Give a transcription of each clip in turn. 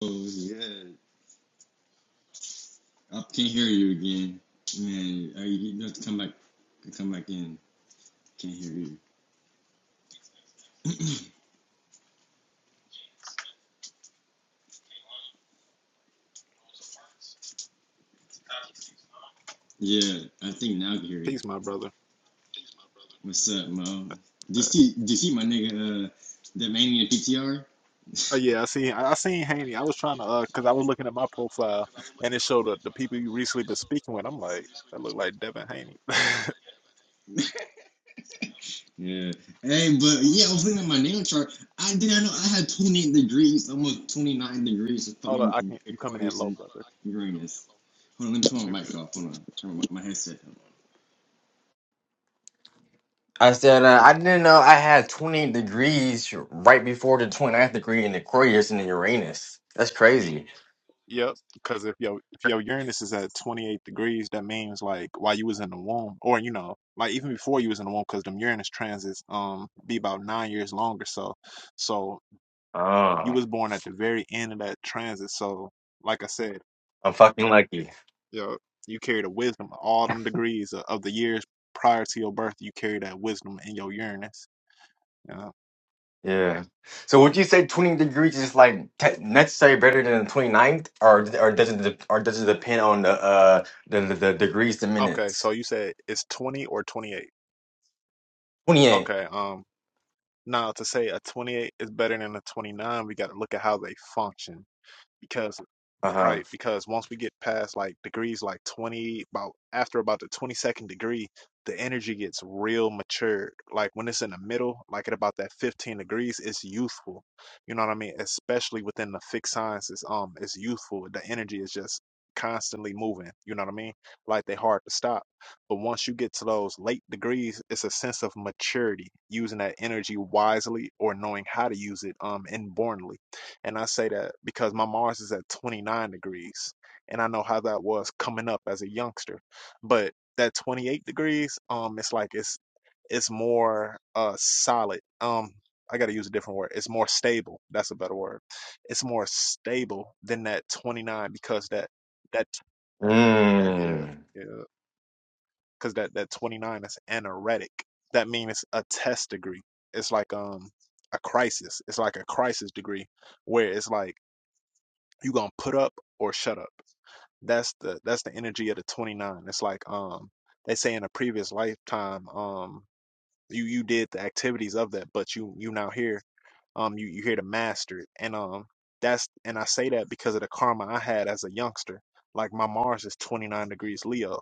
Oh yeah, I can't hear you again. Man, are you, you have to come back. Come back in. Can't hear you. Yeah, I think now I can hear you. Peace, my brother. What's up, Mo? Do you Uh, see? Do you see my nigga? Uh, that mania PTR. oh yeah, I seen I I seen Haney. I was trying to uh, cause I was looking at my profile and it showed the, the people you recently been speaking with. I'm like, that look like Devin Haney. Yeah. Hey, but yeah, I was looking at my nail chart. I did not know I had 28 degrees, almost 29 degrees of Hold on, fucking I can in- you coming in Aquarius low, and brother? Uranus. Hold on, let me turn You my mic good. off. Hold on, turn my, my headset. off. I said, uh, I didn't know I had 20 degrees right before the 29th degree in Aquarius and in Uranus. That's crazy. Yep, because if your if your Uranus is at 28 degrees, that means like while you was in the womb, or you know, like even before you was in the womb, because them Uranus transits um be about nine years longer. So, so you Oh, was born at the very end of that transit. So, like I said. I'm fucking lucky. You know, you carry the wisdom of all them degrees of, of the years prior to your birth. You carry that wisdom in your Uranus. You know? Yeah. So would you say 20 degrees is like te- necessary better than the 29th or or does it de- or does it depend on the uh the, the, the degrees to Okay, minutes? so you said it's twenty or twenty eight. 28. Okay, um, now to say a twenty eight is better than a twenty nine, we got to look at how they function because Uh-huh. right? Because once we get past like degrees like 20, about after about the 22nd degree, the energy gets real mature. Like when it's in the middle, like at about that 15 degrees, it's youthful. You know what I mean? Especially within the fixed sciences, um, it's youthful. The energy is just constantly moving. You know what I mean? Like they hard to stop. But once you get to those late degrees, it's a sense of maturity, using that energy wisely or knowing how to use it um inbornly. And I say that because my Mars is at 29 degrees. And I know how that was coming up as a youngster. But that 28 degrees, um, it's like it's it's more uh solid. Um, I gotta use a different word. It's more stable. That's a better word. It's more stable than that 29 because that that yeah, Mm, yeah. Because that that 29 is anoretic. That means it's a test degree. It's like um a crisis. It's like a crisis degree where it's like you gonna put up or shut up. That's the that's the energy of the 29. It's like um they say in a previous lifetime um you you did the activities of that, but you you now here um you you here to master it. And um that's and I say that because of the karma I had as a youngster. Like my Mars is 29 degrees Leo.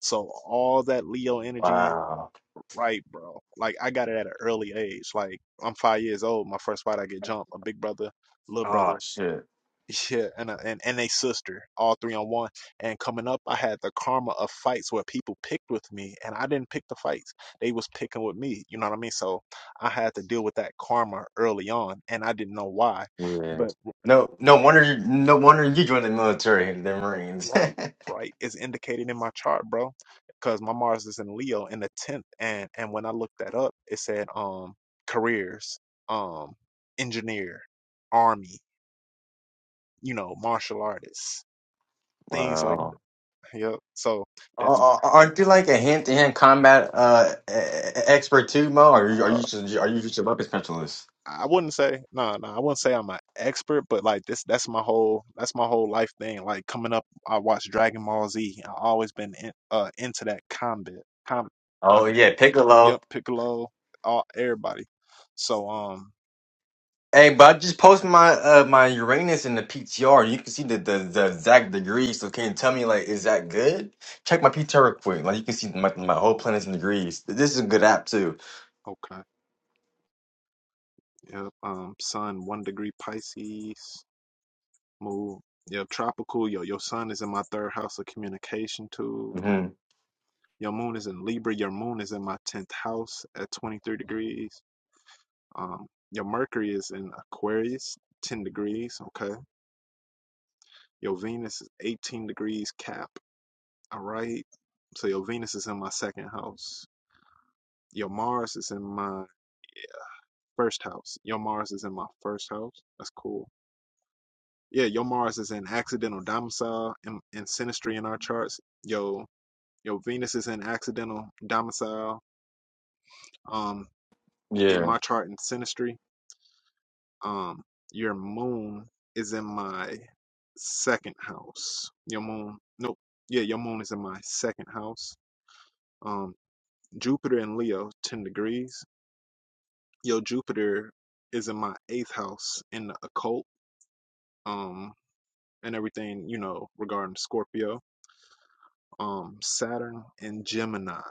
So all that Leo energy, wow. right, bro. Like I got it at an early age. Like I'm five years old, my first fight I get jumped, a big brother, little brother. Oh shit. Yeah, and a, and and a sister, all three on one. And coming up, I had the karma of fights where people picked with me, and I didn't pick the fights; they was picking with me. You know what I mean? So I had to deal with that karma early on, and I didn't know why. Yeah. But No no wonder you no wonder you joined the military and the Marines. right, right is indicated in my chart, bro, because my Mars is in Leo in the tenth, and and when I looked that up, it said um careers, um engineer, army, you know, martial artists, things like wow. yep. So. Uh, uh, uh, aren't you like a hand-to-hand combat uh e- e- expert too, Mo? Or are you are uh you just are you just a weapon specialist? I wouldn't say no, no, I wouldn't say I'm an expert, but like this that's my whole that's my whole life thing. Like coming up, I watched Dragon Ball Z. I always been in, uh into that combat. Com Oh yeah, Piccolo. yep, Piccolo, all everybody. So um Hey, but I just posted my uh my Uranus in the PTR. You can see the the, the exact degrees. So can you tell me like is that good? Check my PTR real quick. Like you can see my my whole planets in degrees. This is a good app too. okay. Yep. Um sun, one degree Pisces, move. Yep, tropical. Yo, your sun is in my third house of communication too. hmm Your moon is in Libra. Your moon is in my tenth house at twenty three degrees. Um, your Mercury is in Aquarius, 10 degrees, okay? Your Venus is 18 degrees cap, all right? So your Venus is in my second house. Your Mars is in my first house. Your Mars is in my first house. That's cool. Yeah, your Mars is in accidental domicile and, and sinistry in our charts. Yo, your Venus is in accidental domicile um in Yeah, my chart in sinistry. Um, your moon is in my second house. Your moon, nope, yeah, your moon is in my second house. Um, Jupiter and Leo, 10 degrees. Your Jupiter is in my eighth house in the occult, um, and everything, you know, regarding Scorpio. Um, Saturn and Gemini,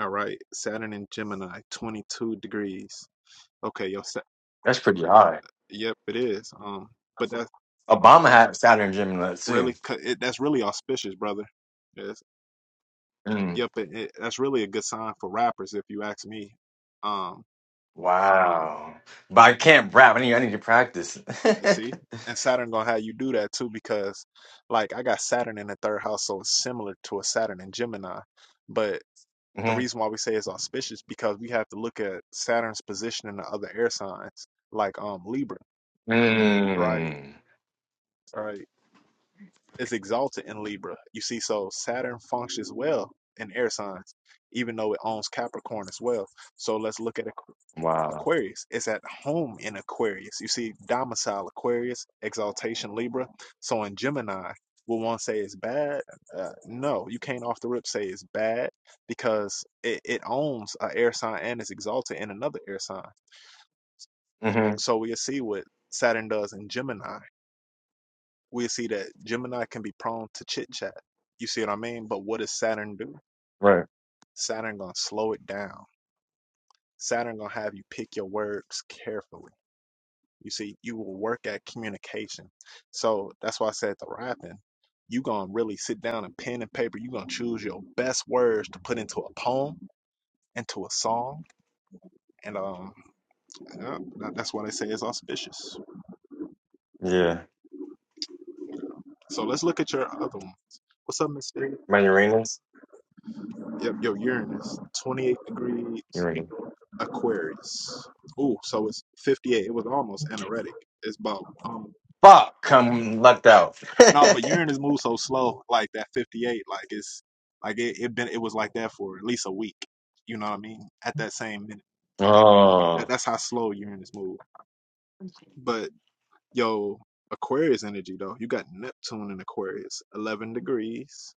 all right? Saturn and Gemini, 22 degrees. Okay, your, Sa- that's pretty high. yep, it is. Um, but that's Obama had Saturn and Gemini too. really, co- it, that's really auspicious, brother. Yes. Mm. Yep, it, it, that's really a good sign for rappers, if you ask me. Um, Wow. But I can't rap. I need I need to practice. let's see, and Saturn gonna have you do that too, because like I got Saturn in the third house, so it's similar to a Saturn in Gemini. But the reason why we say it's auspicious because we have to look at Saturn's position in the other air signs, like um Libra, right? Mm. Right? It's exalted in Libra. You see, so Saturn functions well in air signs, even though it owns Capricorn as well. So let's look at it Wow. Aquarius is at home in Aquarius. You see, domicile Aquarius, exaltation Libra. So in Gemini, will one say it's bad? Uh, no, you can't off the rip say it's bad because it, it owns an air sign and is exalted in another air sign. hmm So we'll see what Saturn does in Gemini. We'll see that Gemini can be prone to chit chat. You see what I mean? But what does Saturn do? Right. Saturn gonna slow it down. Saturn gonna have you pick your words carefully. You see, you will work at communication. So that's why I said the rapping, you gonna really sit down and pen and paper, you gonna choose your best words to put into a poem, into a song. And um yeah, that- that's why they say it's auspicious. Yeah. So let's look at your other ones. What's up, Mister? My Uranus? Yep, your Uranus, 28 degrees Uranus. Aquarius. Ooh, so it's 58. It was almost anoretic. It's about Fuck! I'm lucked out. No, but Uranus moves so slow, like that 58, like it's like it, it been it was like that for at least a week. You know what I mean? At that same minute. That oh. that's how slow Uranus moves. But yo, Aquarius energy though. You got Neptune in Aquarius, 11 degrees.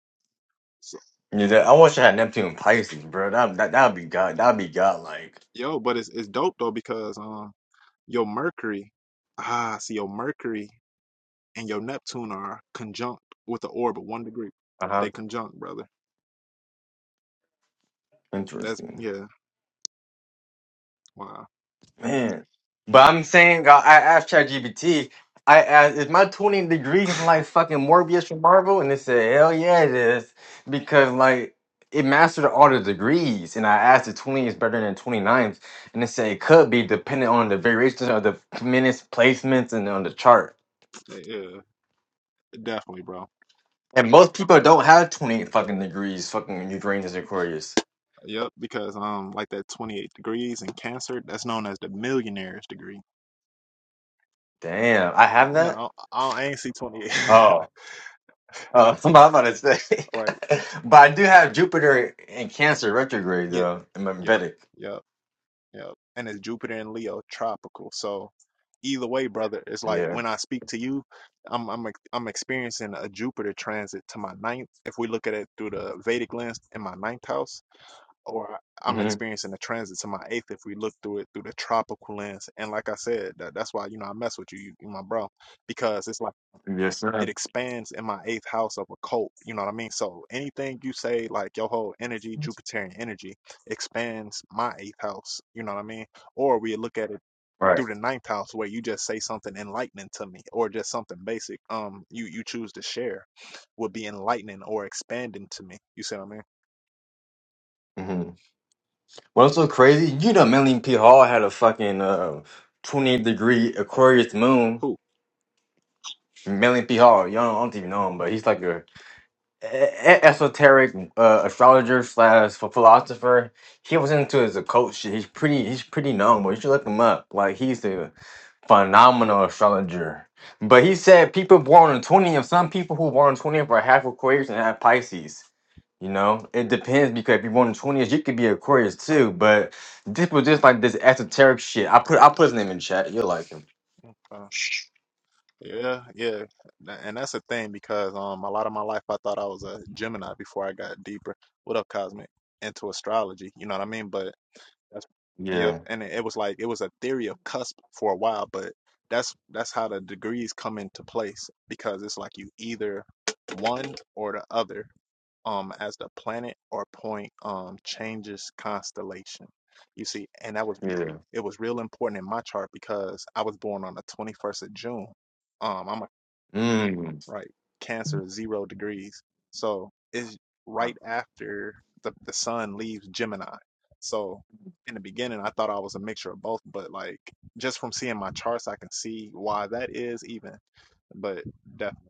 So, Yeah, that- I wish I had Neptune and Pisces, bro. That that that'd be god. That'd be godlike. yo, but it's it's dope though because um your Mercury, ah, see your Mercury and your Neptune are conjunct with the orb of 1 degree. Uh huh. They conjunct, brother. That's Interesting. yeah. Wow. Man, but I'm saying uh, I asked ChatGPT. I asked, "Is my tuning degree like fucking Morbius from Marvel?" And it said, "Hell yeah, it is," because like it mastered all the degrees. And I asked if 20 is better than 29s, and it said it could be depending on the variations of the minutes, placements, and on the chart. Yeah, yeah, definitely, bro. And most people don't have 20 fucking degrees, fucking Uranus and Aquarius. Yep, because um, like that 28 degrees in Cancer, that's known as the millionaire's degree. Damn, I have that. No, I, I ain't see 28. Uh, I'm about to say, Right. but I do have Jupiter in Cancer retrograde Yeah. though in my Yep. Vedic. Yep. Yep. And it's Jupiter and Leo, tropical. So either way, brother, it's like Yeah. when I speak to you, I'm I'm ex- I'm experiencing a Jupiter transit to my ninth. If we look at it through the Vedic lens in my ninth house, or I- am hmm experiencing a transit to my eighth if we look through it through the tropical lens. And like I said, that, that's why you know I mess with you, you, you my bro, because it's like Yes, it sir. expands in my eighth house of a cult. You know what I mean? So anything you say, like your whole energy, Jupiterian energy, expands my eighth house. You know what I mean? Or we look at it Right. through the ninth house where you just say something enlightening to me or just something basic um you you choose to share would be enlightening or expanding to me. You see what I mean? hmm What's so crazy? You know, Melanie P. Hall had a fucking uh, 20 degree Aquarius moon. Cool. Melanie P. Hall, y'all don't, I don't even know him, but he's like a, e- e- esoteric uh, astrologer slash ph- philosopher. He was into his occult shit. He's pretty. He's pretty known, but you should look him up. Like he's the phenomenal astrologer. But he said people born on 20th, some people who born on 20th are half Aquarius and half Pisces. You know, it depends because if you're born on 20th, you could be Aquarius too. Mm, But this was just like this esoteric shit. I put I put his name in chat. You'll like him. uh, yeah, yeah. Tha- And that's a thing because um a lot of my life I thought I was a Gemini before I got deeper. What up, Cosmic? Into astrology. You know what I mean? But That's yep. Yeah, And it it was like it was a theory of cusp for a while, but that's that's how the degrees come into place because it's like you either one or the other. Um, as the planet or point um changes constellation, you see, and that was yeah. it was real important in my chart because I was born on the twenty first of June. Um, I'm a Mm. right? Cancer is zero degrees. So it's right after the, the sun leaves Gemini. So in the beginning, I thought I was a mixture of both, but like just from seeing my charts, I can see why that is even. But definitely,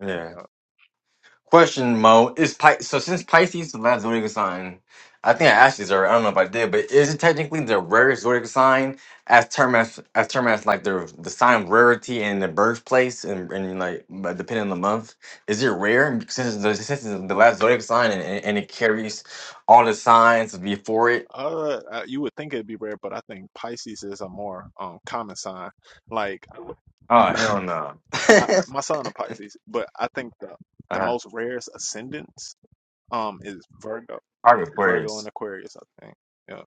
Yeah. yeah. Question, Mo, is Pi- so since Pisces is the last zodiac sign, I think I asked you this already. I don't know if I did, but is it technically the rarest zodiac sign as term as as term as like the the sign of rarity and the birthplace and, and like but depending on the month, is it rare since it's the, since it's the last zodiac sign and, and, and it carries all the signs before it? uh, uh, you would think it'd be rare, but I think Pisces is a more um common sign. Like Oh hell no! I, my son a Pisces, but I think the the uh-huh. most rarest ascendants um is Virgo, Virgo and Aquarius. Aquarius. I think, yeah,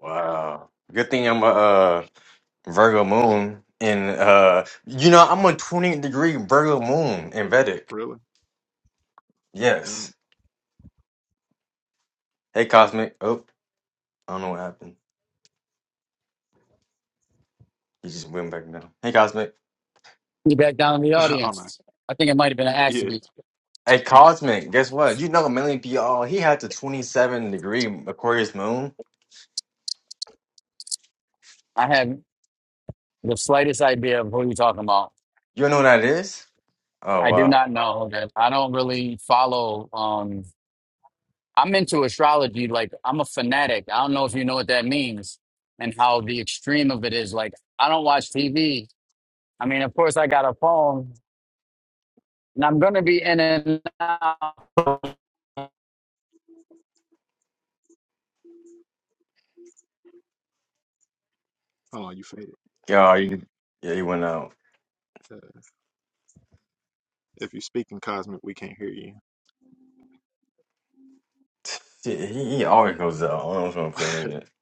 Wow. Good thing I'm a uh, Virgo moon in uh you know I'm a 20 degree Virgo moon in Vedic. really, yeah. Yes. Hey Cosmic. Oh, I don't know what happened. He just went back down. Hey Cosmic. You back down in the Oh no. audience. I think it might have been an Yeah. accident. Hey Cosmic, guess what? You know Melly P all he had the 27 degree Aquarius moon. I have the slightest idea of who you're talking about. You don't know what that is? Oh I do wow. not know that. I don't really follow. Um, I'm into astrology. Like I'm a fanatic. I don't know if you know what that means and how the extreme of it is. Like I don't watch TV. I mean, of course, I got a phone, and I'm gonna be in and out. Hold on, you faded. Yeah, you yeah, he went out. Uh, if you're speaking cosmic, we can't hear you. He, he always goes out. I don't know if it's on the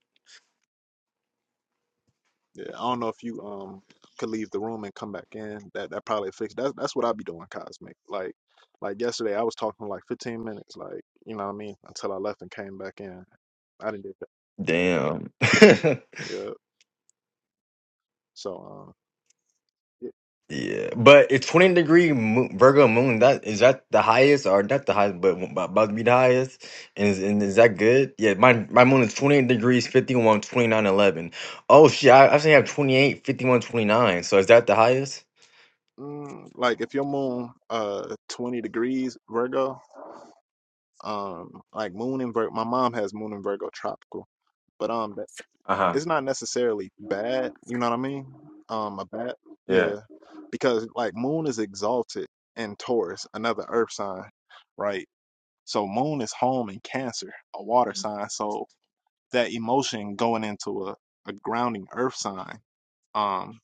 yeah, I don't know if you um could leave the room and come back in. That that probably fixed. That's that's what I'd be doing, cosmic. Like like yesterday, I was talking for like 15 minutes. Like you know what I mean? Until I left and came back in. I didn't do internet. Damn. that. Yeah. So um. yeah, Yeah, but it's 20 degree mo Virgo moon. That is that the highest or not the highest, but about about to be the highest. And is, and is that good? Yeah, my my moon is 28 degrees, fifty one twenty nine eleven. Oh shit, I I actually have twenty eight fifty one twenty nine. So is that the highest? Mm, like if your moon uh 20 degrees Virgo um like moon in Virgo my mom has moon in Virgo tropical but um Uh huh. it's not necessarily bad, you know what I mean? Um, a bad, Yeah. yeah, because like Moon is exalted in Taurus, another Earth sign, right? So Moon is home in Cancer, a water sign. So that emotion going into a, a grounding Earth sign, um,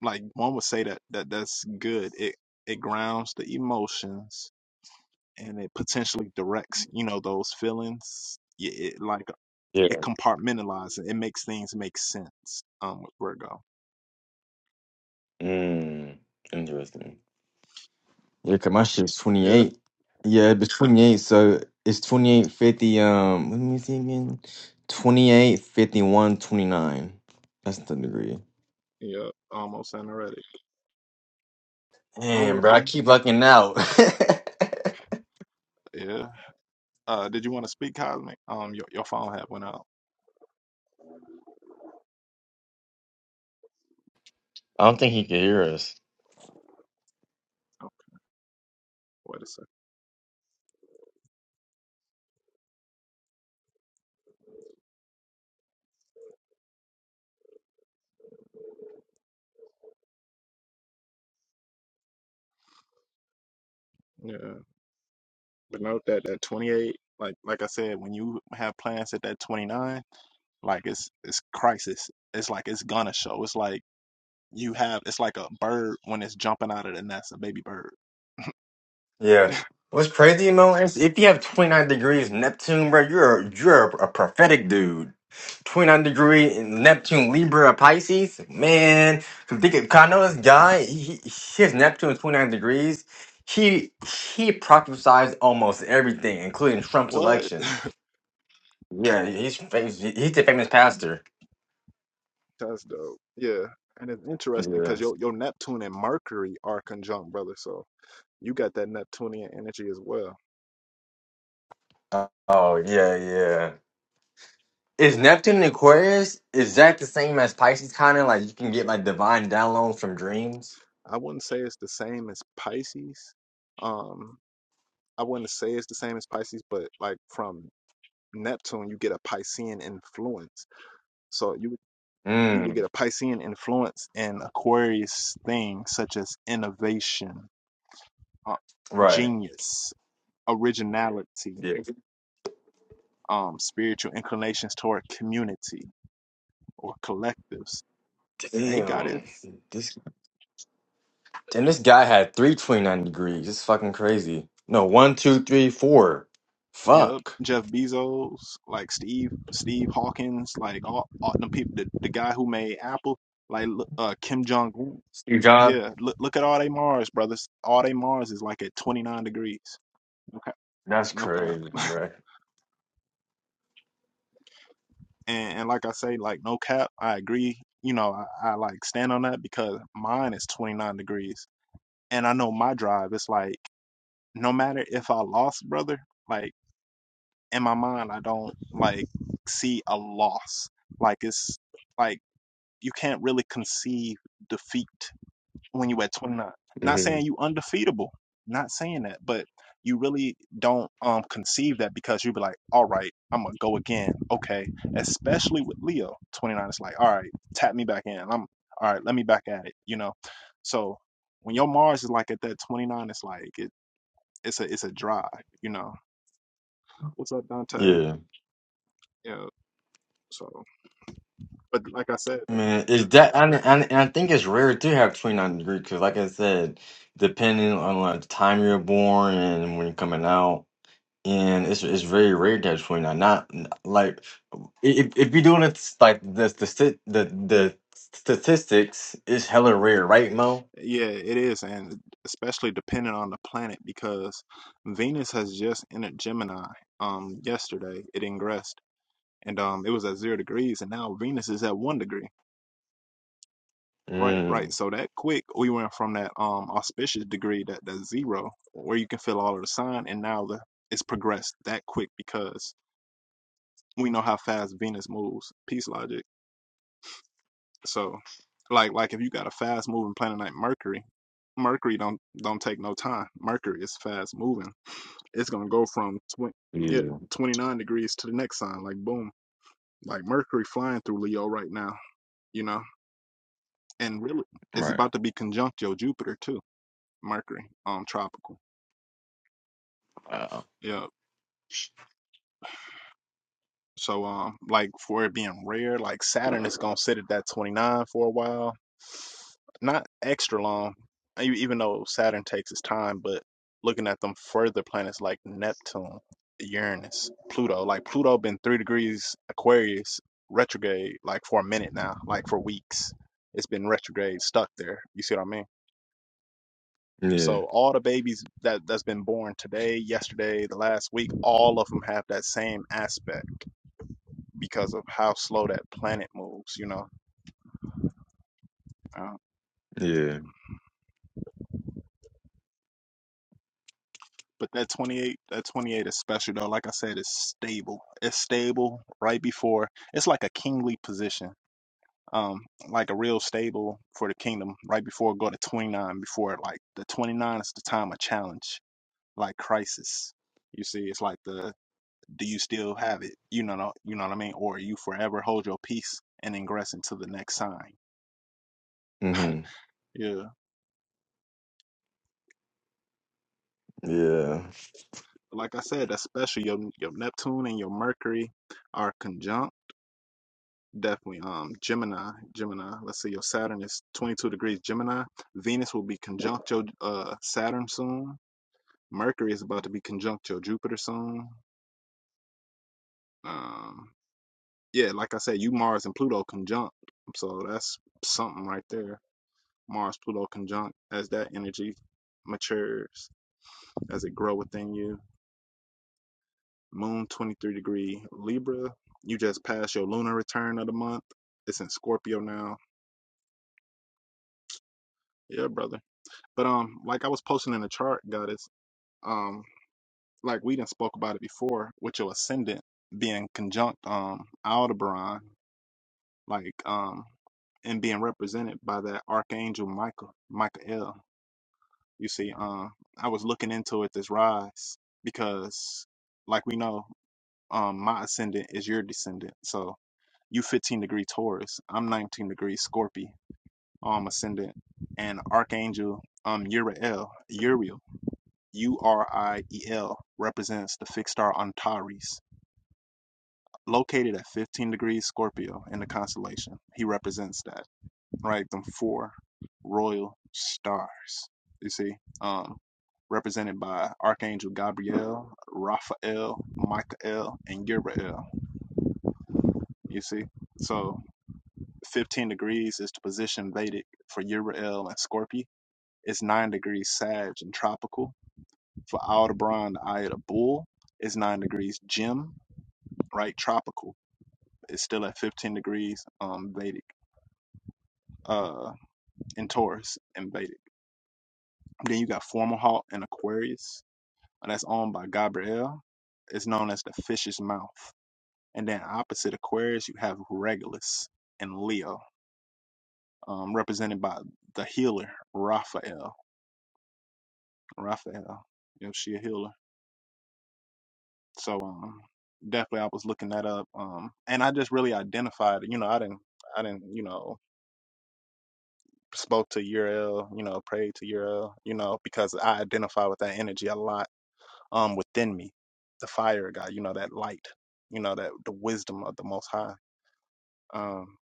like one would say that that that's good. It it grounds the emotions and it potentially directs, you know, those feelings. Yeah, it, like Yeah. it compartmentalizes. It makes things make sense. Um, with Virgo. Mm, interesting. Yeah, 'cause my shit's Yeah, 28. Yeah, it's 28. So it's 28 50. Um, let me see again. 28 51 29. That's the degree. yeah, almost anoretic. I don't Damn, know if bro, I keep lucking out. I you, yeah. Uh, did you want to speak, Cosmic? Um, your your phone had went out. don't think he can hear us. Okay, wait a second. Yeah, but note that that twenty eight, like like I said, when you have plans at that twenty nine, like it's it's crisis. It's like it's gonna show. It's like you have. It's like a bird when it's jumping out of the nest, a baby bird. Yeah. What's crazy, you know, is if you have 29 degrees Neptune, bro, you're a, you're a, a prophetic dude. 29 degree Neptune Libra Pisces, man. Cause they could- 'cause I know this guy, he, he- his Neptune is 29 degrees. He he prophesies almost everything, including Trump's What? election. Yeah, he's famous, he's a famous pastor. That's dope. Yeah, and it's interesting Yeah. because your your Neptune and Mercury are conjunct, brother. So you got that Neptunian energy as well. Oh yeah, yeah. Is Neptune in Aquarius? Is that the same as Pisces? Kind of like you can get like divine downloads from dreams. I wouldn't say it's the same as Pisces. Um, I wouldn't say it's the same as Pisces, but like from Neptune, you get a Piscean influence. So you would- you would Mm, get a Piscean influence in Aquarius things such as innovation, uh, right. genius, originality, Yeah. um, spiritual inclinations toward community or collectives. Hey, got Damn. it This and this guy had three twenty nine degrees. It's fucking crazy. No, one, two, three, four. Yep, Fuck. Jeff Bezos, like Steve, Steve Hawkins, like all, all the people, the, the guy who made Apple, like uh, Kim Jong Un. Steve Jobs. Yeah, look look at all they Mars brothers. All they Mars is like at twenty nine degrees. Okay, That's no cap. No cap. crazy, bro. And and like I say, like no cap. I agree. You know, I, I like stand on that because mine is twenty nine degrees, and I know my drive. It's like no matter if I lost, brother. Like in my mind, I don't like see a loss. Like it's like you can't really conceive defeat when you're at 29. Not hmm saying you undefeatable, not saying that, but you really don't um conceive that because you be like, all right, I'm gonna go again. Okay. Especially with Leo, 29 it's like, all right, tap me back in. I'm all right, let me back at it, you know. So when your Mars is like at that 29, it's like it, it's a it's a drive, you know. What's up, Dante? Yeah. Yeah. So, but like I said. Man, is that and, and, and I think it's rare to have twenty nine degrees because, like I said, depending on like the time you're born and when you're coming out. and it's it's very rare to have 29 not n- like if, if you're doing it s- like the stati- the the statistics it's hella rare right mo Yeah, it is, and especially depending on the planet because Venus has just entered Gemini um yesterday. It ingressed and um it was at zero degrees and now Venus is at one degree. Right, mm, right. So that quick we went from that um auspicious degree that that zero where you can feel all of the sign and now the it's progressed that quick because we know how fast Venus moves, peace logic. So like like if you got a fast moving planet like Mercury, Mercury don't don't take no time. Mercury is fast moving It's gonna go from twenty, yeah, 29 degrees to the next sign, like boom, like Mercury flying through Leo right now, you know, and really, it's right about to be conjunct your Jupiter too, Mercury, um, tropical. Wow. Yeah, So um like for it being rare, like Saturn is gonna sit at that 29 for a while. Not extra long, e- even though Saturn takes its time, but looking at them further planets like Neptune, Uranus, Pluto, like Pluto been three degrees Aquarius retrograde like for a minute now, like for weeks. It's been retrograde stuck there. You see what I mean? yeah So all the babies that that's been born today, yesterday, the last week, all of them have that same aspect because of how slow that planet moves, you know. Um, yeah but that 28, that 28 is special though. Like I said, it's stable. It's stable right before. It's like a kingly position, um, like a real stable for the kingdom. Right before it go to 29, before like the 29 is the time of challenge, like crisis. You see, it's like the do you still have it? You know, you know what I mean, or you forever hold your peace and ingress into the next sign. hmm Yeah. yeah like I said, especially your your Neptune and your Mercury are conjunct. Definitely, um, Gemini, Gemini. Let's see, your Saturn is 22 degrees Gemini. Venus will be conjunct your uh Saturn soon. Mercury is about to be conjunct your Jupiter soon. Um, yeah, like I said, you Mars and Pluto conjunct. So that's something right there. Mars Pluto conjunct as that energy matures, as it grow within you. Moon 23 degree Libra. You just passed your lunar return of the month. It's in Scorpio now. Yeah, brother. But um, like I was posting in the chart, goddess, um, like we didn't spoke about it before, with your ascendant being conjunct um Aldebaran, like um and being represented by that archangel Michael, Michael. You see, um, I was looking into it this rise because, like we know, um my ascendant is your descendant. So you 15 degree Taurus. I'm 19 degree Scorpio, um, ascendant, and Archangel, um, Uriel, Uriel, U R I E L, represents the fixed star Antares, located at 15 degrees Scorpio in the constellation. He represents that, right? Them four royal stars, you see, um, represented by Archangel Gabriel, Raphael, Michael, and Uriel, you see. So, 15 degrees is the position Vedic for Uriel and Scorpio. It's 9 degrees Sag and tropical. For Aldebron, the eye of the bull, it's 9 degrees Gem, right? Tropical. It's still at 15 degrees um, Vedic, uh, in Taurus and Vedic. Then you got Formal in Aquarius. and That's owned by Gabriel. It's known as the fish's mouth. And then opposite Aquarius, you have Regulus in Leo, um, represented by the healer, Raphael. Raphael. Yep, she a healer. So um definitely I was looking that up. Um and I just really identified, you know, I didn't I didn't, you know, spoke to Uriel, you know, prayed to Uriel, you know, because I identify with that energy a lot um within me. The fire of God you know, that light, you know, that the wisdom of the most high. Um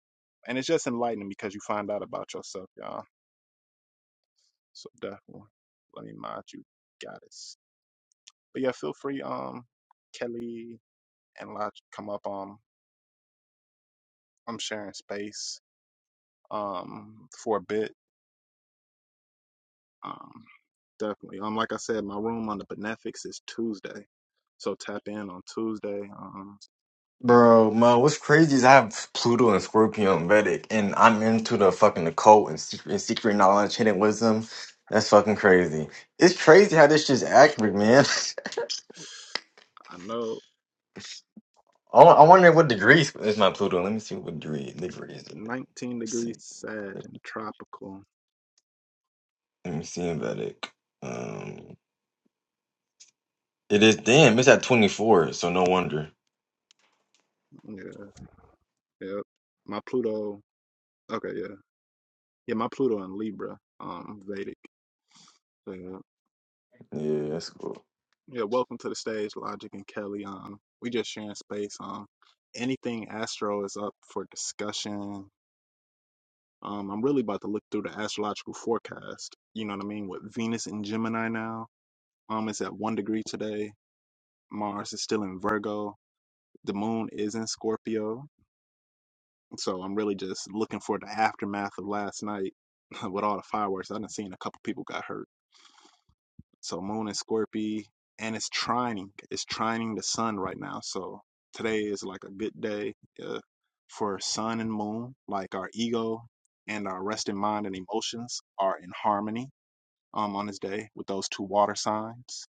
and it's just enlightening because you find out about yourself, y'all. So definitely let me mind you goddess. But yeah, feel free, um, Kelly and Lodge come up. um. I'm sharing space um for a bit. Um definitely. Um like I said, my room on the Benefics is Tuesday. So tap in on Tuesday. Um bro mo what's crazy is i have pluto and scorpio and vedic and i'm into the fucking occult and secret, and secret knowledge hidden wisdom that's fucking crazy it's crazy how this shit's accurate man I know I, wa- I wonder what degree is is my Pluto. Let me see what degree degree is it. 19 Let's see. degrees sad and tropical. Let me see in Vedic. Um, it is damn. It's at twenty four. So no wonder. Yeah, yep. My Pluto okay, yeah. Yeah, my Pluto in Libra, um, Vedic. So, yeah. Yeah, that's cool. Yeah, welcome to the stage, Logic and Kelly. Um we just sharing space. Um anything astro is up for discussion Um, I'm really about to look through the astrological forecast. You know what I mean? With Venus in Gemini now, um, it's at one degree today. Mars is still in Virgo. The Moon is in Scorpio. So I'm really just looking for the aftermath of last night with all the fireworks. I done seen a couple people got hurt. So Moon in Scorpio, and it's trining. It's trining the Sun right now. So today is like a good day uh, for Sun and Moon. Like our ego and our resting mind and emotions are in harmony um, on his day with those two water signs.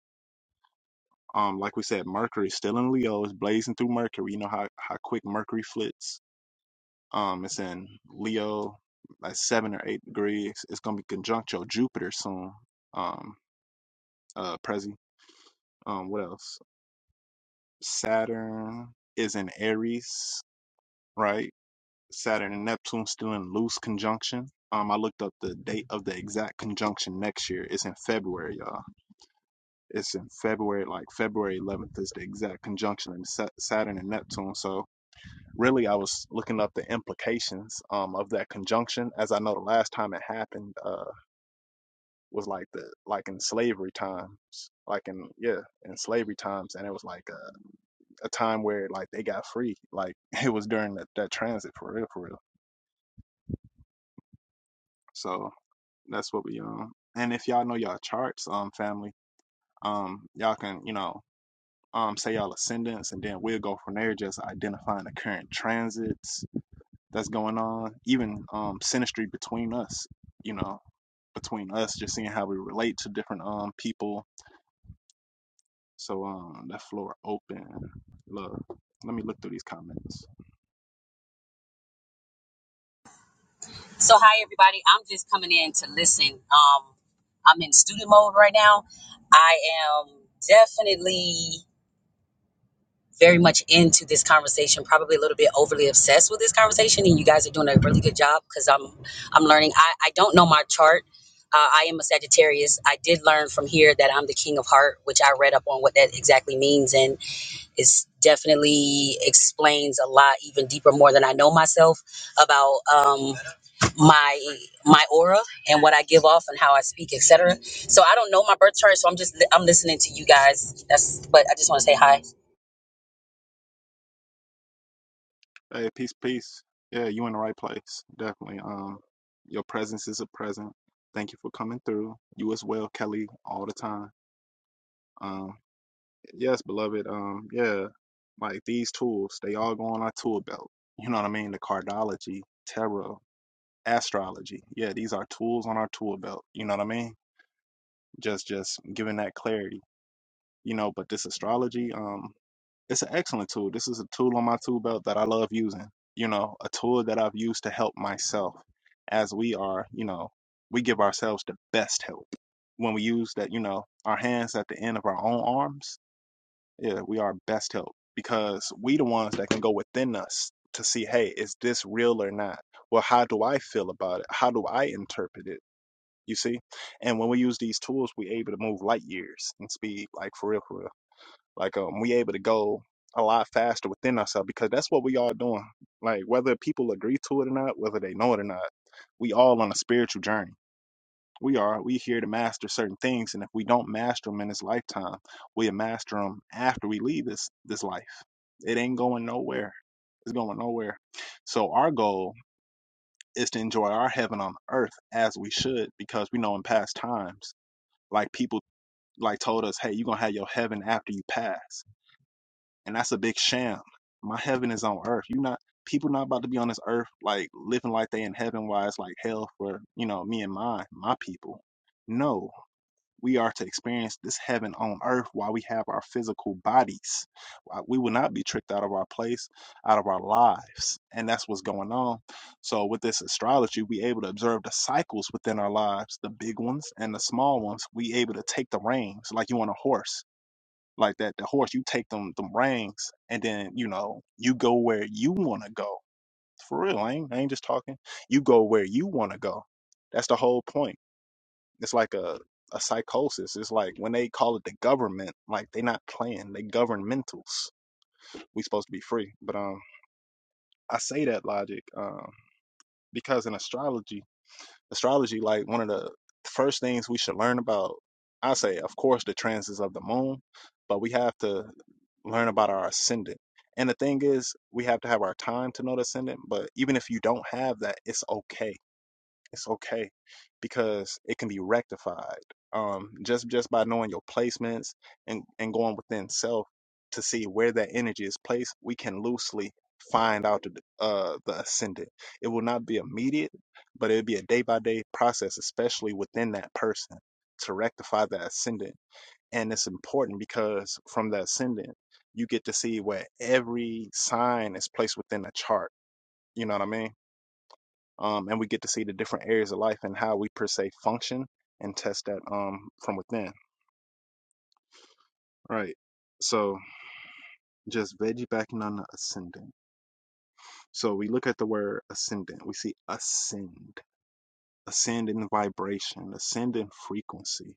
Um, like we said, Mercury still in Leo is blazing through Mercury. You know how how quick Mercury flits. Um, it's in Leo, like seven or eight degrees. It's gonna be conjunct your Jupiter soon. Um, uh, Prezi. Um, what else? Saturn is in Aries, right? Saturn and Neptune still in loose conjunction. Um, I looked up the date of the exact conjunction next year. It's in February, y'all It's in February, like February 11th is the exact conjunction in Saturn and Neptune. So really, I was looking up the implications um, of that conjunction, as I know the last time it happened uh, was like the like in slavery times, like in yeah, in slavery times, and it was like a, a time where like they got free, like it was during that, that transit for real, for real. So that's what we um. And if y'all know y'all charts, um, family, um, y'all can you know um, say y'all ascendants, and then we'll go from there, just identifying the current transits that's going on, even um, synastry between us, you know, between us, just seeing how we relate to different um people. So um, that floor open. Look, let me look through these comments. So, hi everybody. I'm just coming in to listen. Um, I'm in student mode right now. I am definitely very much into this conversation. Probably a little bit overly obsessed with this conversation, and you guys are doing a really good job because I'm I'm learning. I I don't know my chart. Uh, I am a Sagittarius. I did learn from here that I'm the King of Heart, which I read up on what that exactly means, and it's definitely explains a lot even deeper more than I know myself about. Um, my my aura and what I give off and how I speak, etc. So I don't know my birth chart, so I'm just I'm listening to you guys. That's but I just want to say hi. Hey, peace, peace. Yeah, you in the right place, definitely. Um, your presence is a present. Thank you for coming through. You as well, Kelly, all the time. Um. yes, beloved. Um, yeah, like these tools, they all go on our tool belt. You know what I mean? The cardology, tarot, astrology. Yeah, these are tools on our tool belt. You know what I mean? Just, just giving that clarity. You know, but this astrology, um, it's an excellent tool. This is a tool on my tool belt that I love using. You know, a tool that I've used to help myself. As we are, you know, we give ourselves the best help when we use that. You know, our hands at the end of our own arms yeah, we are best help because we the ones that can go within us to see, hey, is this real or not? Well, how do I feel about it? How do I interpret it? You see? And when we use these tools, we able to move light years in speed, like for real, for real. Like um, we able to go a lot faster within ourselves because that's what we all doing. Like whether people agree to it or not, whether they know it or not, we all on a spiritual journey we are. We here to master certain things, and if we don't master them in this lifetime, we'll master them after we leave this this life. It ain't going nowhere. It's going nowhere. So our goal is to enjoy our heaven on earth as we should, because we know in past times, like people like told us, hey, you're gonna have your heaven after you pass. And that's a big sham. My heaven is on earth. You're not people not about to be on this earth like living like they in heaven why it's like hell for, you know, me and mine, my people. No. We are to experience this heaven on earth while we have our physical bodies. Uh, We will not be tricked out of our place, out of our lives. And that's what's going on. So with this astrology, we able to observe the cycles within our lives, the big ones and the small ones. We able to take the reins like you on a horse. Like that, the horse, you take them them reins and then, you know, you go where you wanna go. For real, I ain't, I ain't just talking. You go where you wanna go. That's the whole point it's like a a psychosis. It's like when they call it the government, like they not playing. They governmentals. We supposed to be free, but um, I say that logic um because in astrology, astrology like one of the first things we should learn about. I say, of course, the transits of the moon, but we have to learn about our ascendant. And the thing is, we have to have our time to know the ascendant. But even if you don't have that, it's okay it's okay because it can be rectified. Um, just just by knowing your placements and and going within self to see where that energy is placed, we can loosely find out the uh the ascendant. It will not be immediate, but it'll be a day by day process, especially within that person to rectify the ascendant. And it's important because from the ascendant, you get to see where every sign is placed within the chart. You know what I mean? um, and we get to see the different areas of life and how we per se function and test that um from within right so just veggie backing on the ascendant so we look at the word ascendant we see ascend ascend in vibration ascend in frequency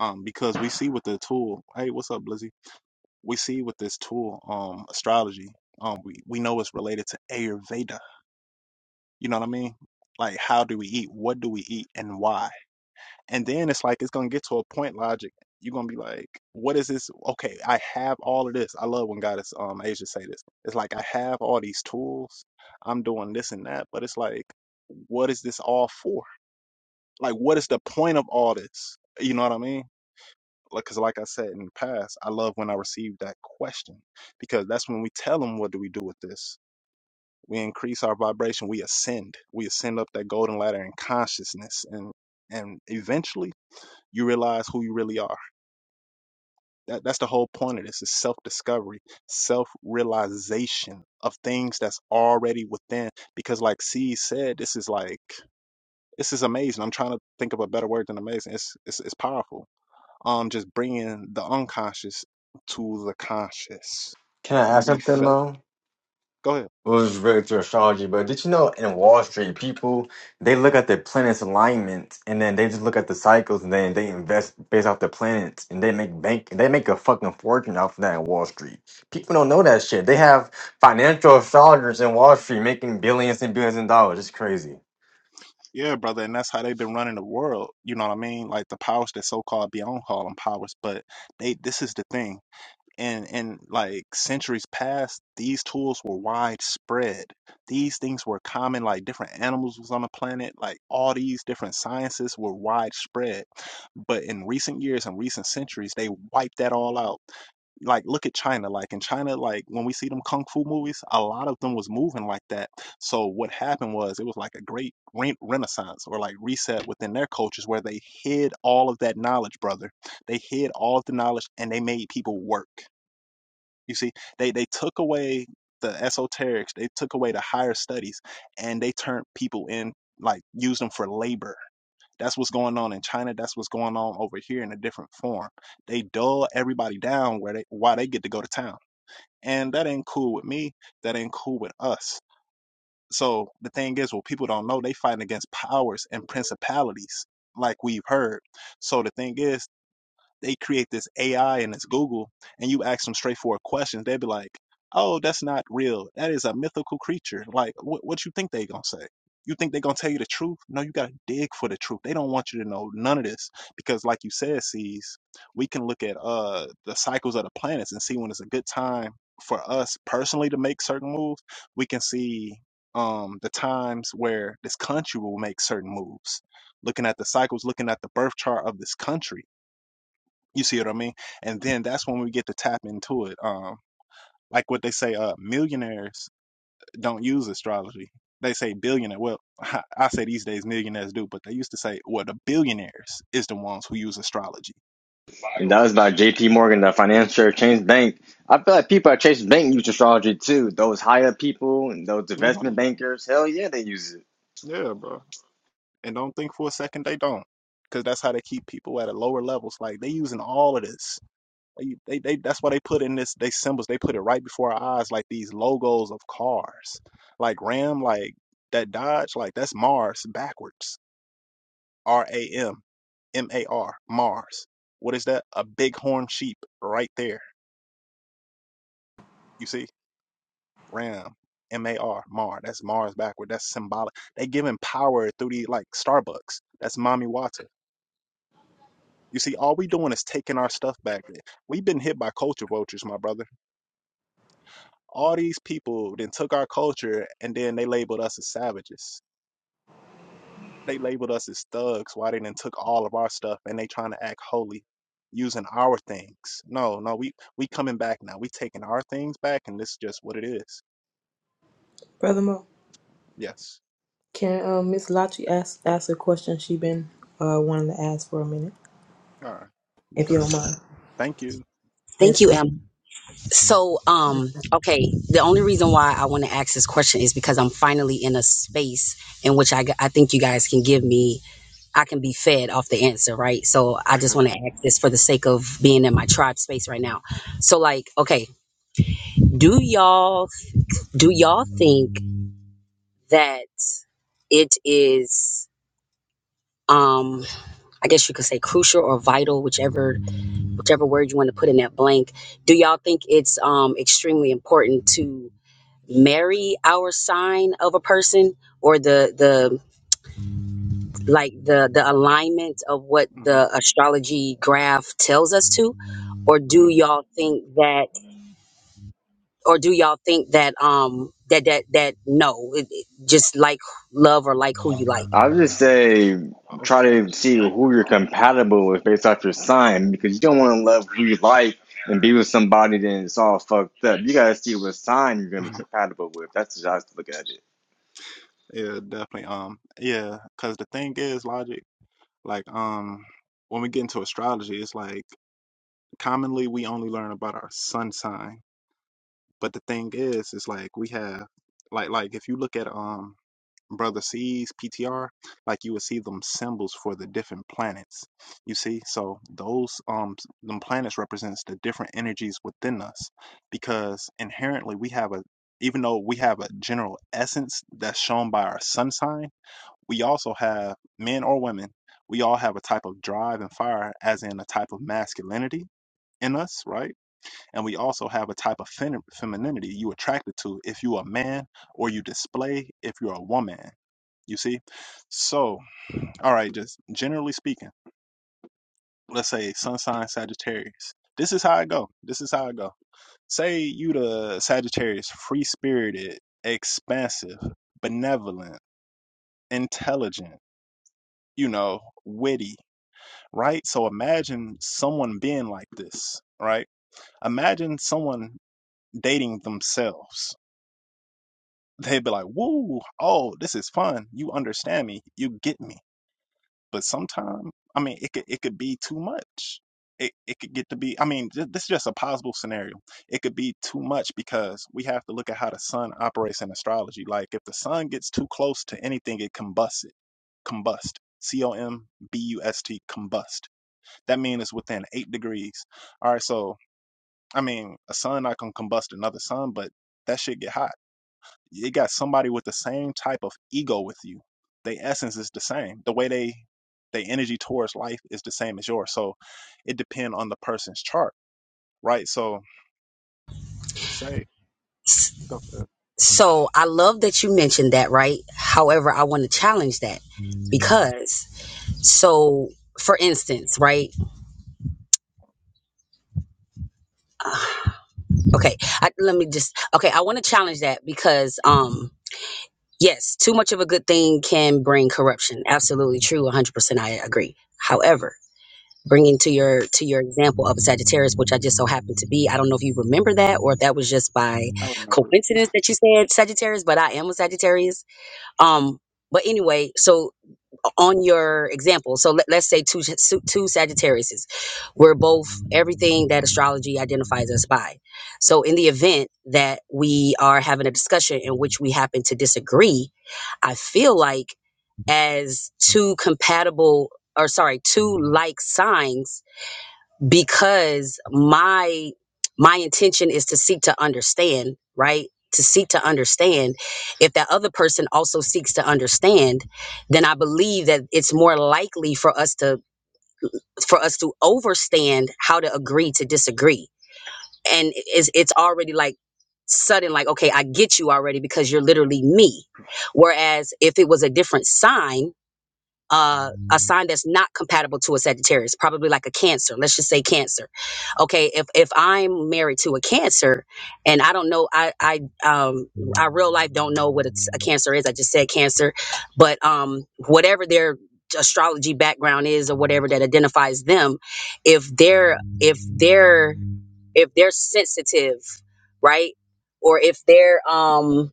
um because we see with the tool hey what's up blizzy we see with this tool um astrology um we, we know it's related to ayurveda you know what i mean like how do we eat what do we eat and why And then it's like it's gonna get to a point logic. You're gonna be like, what is this? Okay, I have all of this. I love when God um Asia say this. It's like I have all these tools. I'm doing this and that, but it's like, what is this all for? Like, what is the point of all this? You know what I mean? Like, cause like I said in the past, I love when I receive that question because that's when we tell them, what do we do with this? We increase our vibration. We ascend. We ascend up that golden ladder in consciousness, and and eventually you realize who you really are That, that's the whole point of this is self-discovery, self-realization of things that's already within. Because like C said, this is like this is amazing. I'm trying to think of a better word than amazing. It's it's, it's powerful. Um, just bringing the unconscious to the conscious. Can I ask We something felt. though? Go ahead. was related to astrology, but did you know in Wall Street, people they look at the planets' alignment and then they just look at the cycles and then they invest based off the planets and they make bank they make a fucking fortune off of that in Wall Street. People don't know that shit. They have financial astrologers in Wall Street making billions and billions of dollars. It's crazy. Yeah, brother, and that's how they've been running the world. You know what I mean? Like the powers that so-called beyond call them powers, but they. This is the thing and and like centuries past these tools were widespread these things were common like different animals was on the planet like all these different sciences were widespread but in recent years and recent centuries they wiped that all out like look at china like in china like when we see them kung fu movies a lot of them was moving like that so what happened was it was like a great re- renaissance or like reset within their cultures where they hid all of that knowledge brother they hid all of the knowledge and they made people work you see, they they took away the esoterics, they took away the higher studies, and they turned people in, like use them for labor. That's what's going on in China. That's what's going on over here in a different form. They dull everybody down where they why they get to go to town, and that ain't cool with me. That ain't cool with us. So the thing is, well, people don't know, they fighting against powers and principalities, like we've heard. So the thing is, they create this AI and this Google, and you ask them straightforward questions, they'd be like, "Oh, that's not real. That is a mythical creature." Like, what what you think they gonna say? You think they gonna tell you the truth? No, you gotta dig for the truth. They don't want you to know none of this because, like you said, sees we can look at uh the cycles of the planets and see when it's a good time for us personally to make certain moves. We can see um the times where this country will make certain moves looking at the cycles looking at the birth chart of this country you see what I mean? And then that's when we get to tap into it. Um, like what they say, uh, millionaires don't use astrology. They say billionaire. Well, I say these days millionaires do, but they used to say, well, the billionaires is the ones who use astrology. And that was by J.P. Morgan, the financier, Chase Bank. I feel like people at Chase Bank use astrology too. Those higher people and those 100, investment bro. bankers, hell yeah, they use it. Yeah, bro. And don't think for a second they don't, because that's how they keep people at a lower levels. Like they using all of this. They, they, they, that's why they put in this. They symbols. They put it right before our eyes, like these logos of cars, like Ram, like that Dodge, like that's Mars backwards R A M M A R, Mars. What is that? A bighorn sheep right there. You see? Ram. M A R, Mar. That's Mars backward. That's symbolic. They giving power through the like Starbucks. That's mommy water. You see, all we doing is taking our stuff back. We've been hit by culture vultures, my brother. All these people then took our culture and then they labeled us as savages. They labeled us as thugs. Why they didn't took all of our stuff and they trying to act holy using our things. No, no, we we coming back now. We taking our things back and this is just what it is. Brother Mo, Yes. can um, Miss Lachi ask ask a question she been uh wanting to ask for a minute, All right. if Go you don't ahead. mind? Thank you. Yes, Thank you, sir. Em. So um okay, the only reason why I want to ask this question is because I'm finally in a space in which I g- I think you guys can give me I can be fed off the answer, right? So I just want to ask this for the sake of being in my tribe space right now. So like, okay, do y'all do y'all think that it is um. I guess you could say crucial or vital, whichever whichever word you want to put in that blank. Do y'all think it's um extremely important to marry our sign of a person or the the like the the alignment of what hmm the astrology graph tells us to? Or Yeah. do y'all think that or do y'all think that um that that that no, it, it- just like love or like who you like? I would just say Oh, try to see who you're compatible with based off your sign because you don't want to love who you like and be with somebody then it's all fucked up. You gotta see what sign you're gonna be compatible with. That's just how I look at it. yeah, definitely. Um, yeah, because the thing is, logic, like, um, when we get into astrology, it's like commonly we only learn about our sun sign. But the thing is, is like we have, like, like if you look at um brother C's PTR, like you would see them symbols for the different planets. You see, so those um s- them planets represents the different energies within us, because inherently we have a even though we have a general essence that's shown by our sun sign, we also have men or women. We all have a type of drive and fire, as in a type of masculinity in us, right? And we also have a type of fem- femininity you attracted to if you're a man or you display if you're a woman. You see? So, all right, just generally speaking, let's say sun sign Sagittarius. This is how I go. This is how I go. Say you the Sagittarius, free spirited, expansive, benevolent, intelligent, you know, witty, right? So imagine someone being like this, right? Imagine someone dating themselves. They'd be like, woo, oh, this is fun. You understand me. You get me. but sometimes I mean it could it could be too much. It it could get to be I mean th- this is just a possible scenario. It could be too much because we have to look at how the sun operates in astrology. Like if the sun gets too close to anything, it combusts it. Combust. C O M B U S T combust. That means it's within eight degrees. All right, so I mean a sun not gonna combust another sun, but that shit get hot it got somebody with the same type of ego with you. Their essence is the same. The way they their energy towards life is the same as yours. So it depends on the person's chart, right? So say Stuff So I love that you mentioned that, right? However, I want to challenge that because, so for instance, right? Uh, okay, I, let me just, okay, I want to challenge that because, um, yes, too much of a good thing can bring corruption. Absolutely true. 100% I agree. However, bringing to your to your example of Sagittarius which I just so happened to be I don't know if you remember that or if that was just by I remember it. coincidence that you said Sagittarius but I am a Sagittarius um but anyway so on your example so let, let's say two Sa- two sagittariuses we're both everything that astrology identifies us by so in the event that we are having a discussion in which we happen to disagree i feel like as two compatible or sorry two like signs because my my intention is to seek to understand right to seek to understand if that other person also seeks to understand then i believe that it's more likely for us to for us to overstand how to agree to disagree and it's it's already like sudden like okay i get you already because you're literally me whereas if it was a different sign uh, a sign that's not compatible to a Sagittarius, probably like a Cancer. Let's just say Cancer. Okay, if if I'm married to a Cancer, and I don't know, I I um I real life don't know what it's, a Cancer is. I just said Cancer, but um whatever their astrology background is or whatever that identifies them, if they're if they're if they're sensitive, right, or if they're um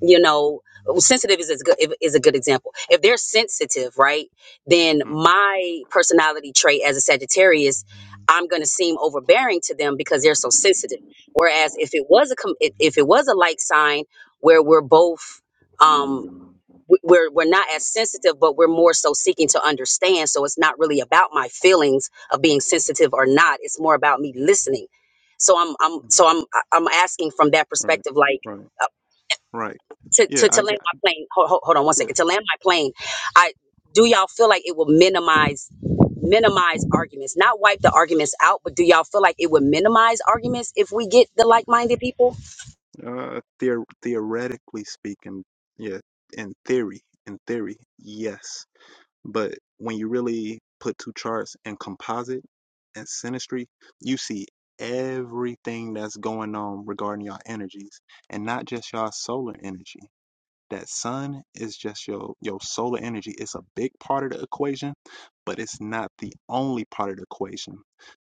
you know sensitive is, is good is a good example if they're sensitive right then mm, my personality trait as a sagittarius i'm going to seem overbearing to them because they're so sensitive whereas if it was a com- if if it was a like sign where we're both um w- we're we're not as sensitive but we're more so seeking to understand so it's not really about my feelings of being sensitive or not it's more about me listening so i'm i'm hmm hmm so i'm i'm asking from that Right, perspective like right, right, to, yeah. to, to I land got my plane. Hold, hold, hold on one yeah. second. To land my plane, I do y'all feel like it will minimize minimize arguments, not wipe the arguments out, but do y'all feel like it would minimize arguments if we get the like mhm. minded people? Uh, theor- theoretically speaking, yeah. In theory, in theory, yes. But when you really put two charts and composite and synastry, you see everything that's going on regarding y'all energies and not just y'all solar energy. That sun is just your your solar energy. It's a big part of the equation, but it's not the only part of the equation.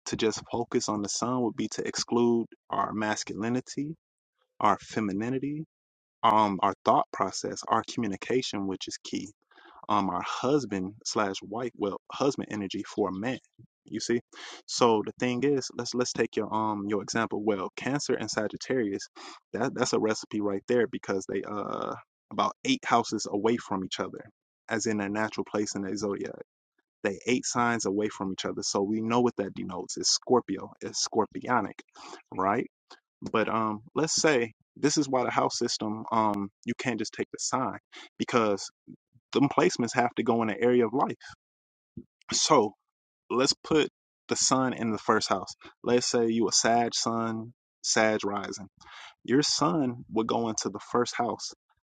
To just focus on the sun would be to exclude our masculinity, our femininity, um, our thought process, our communication, which is key um our husband slash wife well husband energy for a man you see so the thing is let's let's take your um your example well cancer and sagittarius that that's a recipe right there because they uh about eight houses away from each other as in their natural place in their zodiac they eight signs away from each other so we know what that denotes it's scorpio it's scorpionic right but um let's say this is why the house system um you can't just take the sign because them placements have to go in an area of life. So let's put the sun in the first house. Let's say you a Sag sun, Sag rising. Your sun would go into the first house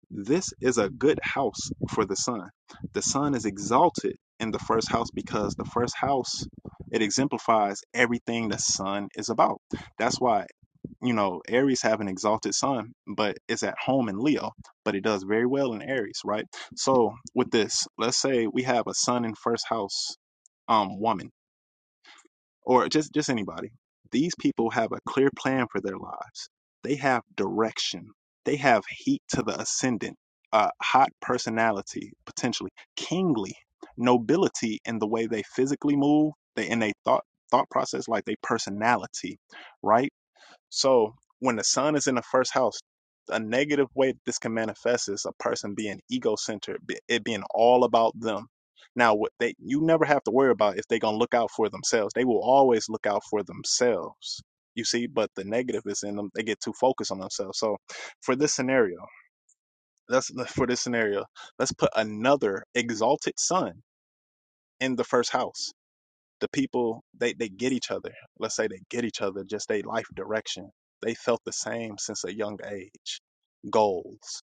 this is a good house for the son. The son is exalted in the first house because the first house it exemplifies everything the son is about. That's why you know Aries have an exalted sun, but it's at home in Leo, but it does very well in Aries, right? So with this, let's say we have a sun in first house um woman or just just anybody these people have a clear plan for their lives they have direction they have heat to the ascendant a hot personality potentially kingly nobility in the way they physically move they in they thought thought process like they personality right so when the sun is in the first house, a negative way this can manifest is a person being ego-centered, be- it being all about them. Now, what they you never have to worry about if they're gonna look out for themselves. They will always look out for themselves. You see, but the negative is in them. They get too focused on themselves. So, for this scenario, let's for this scenario, let's put another exalted sun in the first house the people they, they get each other let's say they get each other just their life direction they felt the same since a young age goals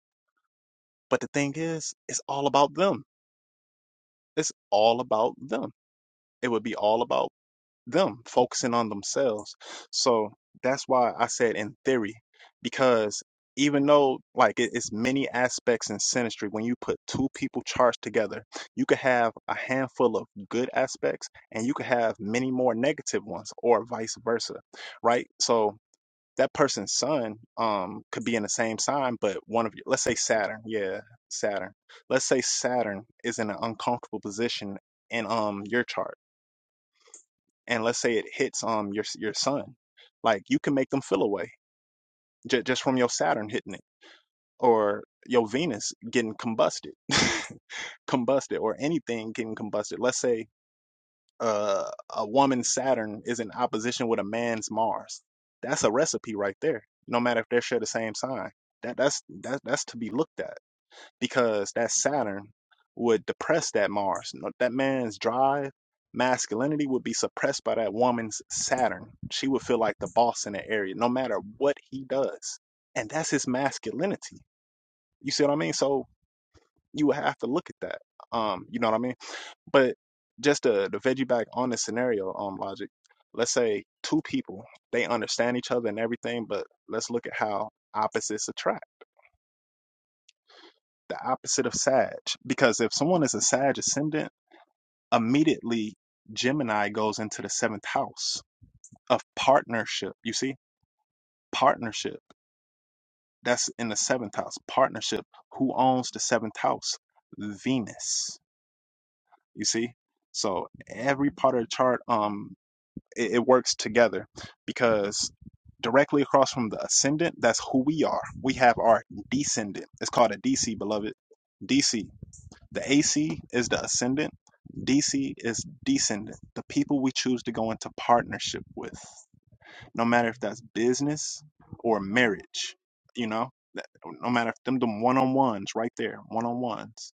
but the thing is it's all about them it's all about them it would be all about them focusing on themselves. So that's why I said in theory, because even though like it- it's many aspects in synastry, when you put two people charged together, you could have a handful of good aspects and you could have many more negative ones or vice versa. Right. So that person's sun um could be in the same sign, but one of you let's say Saturn. Yeah, Saturn. Let's say Saturn is in an uncomfortable position in um your chart and let's say it hits um your your sun like you can make them feel away j- just from your saturn hitting it or your venus getting combusted combusted or anything getting combusted let's say uh, a woman's saturn is in opposition with a man's mars that's a recipe right there no matter if they share the same sign that that's that, that's to be looked at because that Saturn would depress that Mars. No- That man's drive, masculinity would be suppressed by that woman's Saturn. She would feel like the boss in that area, no matter what he does. And that's his masculinity. You see what I mean? So you would have to look at that. Um, you know what I mean? But just the the veggie back on the scenario, um, logic. Let's say two people they understand each other and everything, but let's look at how opposites attract. The opposite of Sag, because if someone is a Sag ascendant immediately Gemini goes into the seventh house of partnership. You see, partnership. That's in the seventh house. Partnership. Who owns the seventh house? Venus. You see? So every part of the chart, um, it, it works together because directly across from the ascendant, that's who we are. We have our descendant. It's called a DC, beloved. DC. The AC is the ascendant, DC is descendant, the people we choose to go into partnership with, no matter if that's business or marriage, you know, that- no matter if them them one on ones right there, one on ones,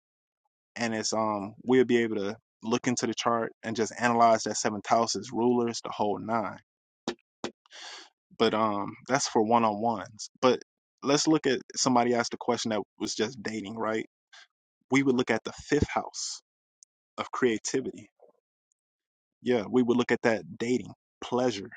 and it's um we'll be able to look into the chart and just analyze that seventh house as rulers, the whole nine. But um that's for one on ones. But let's look at somebody asked a question that was just dating, right? We would look at the fifth house of creativity yeah, we would look at that dating pleasure.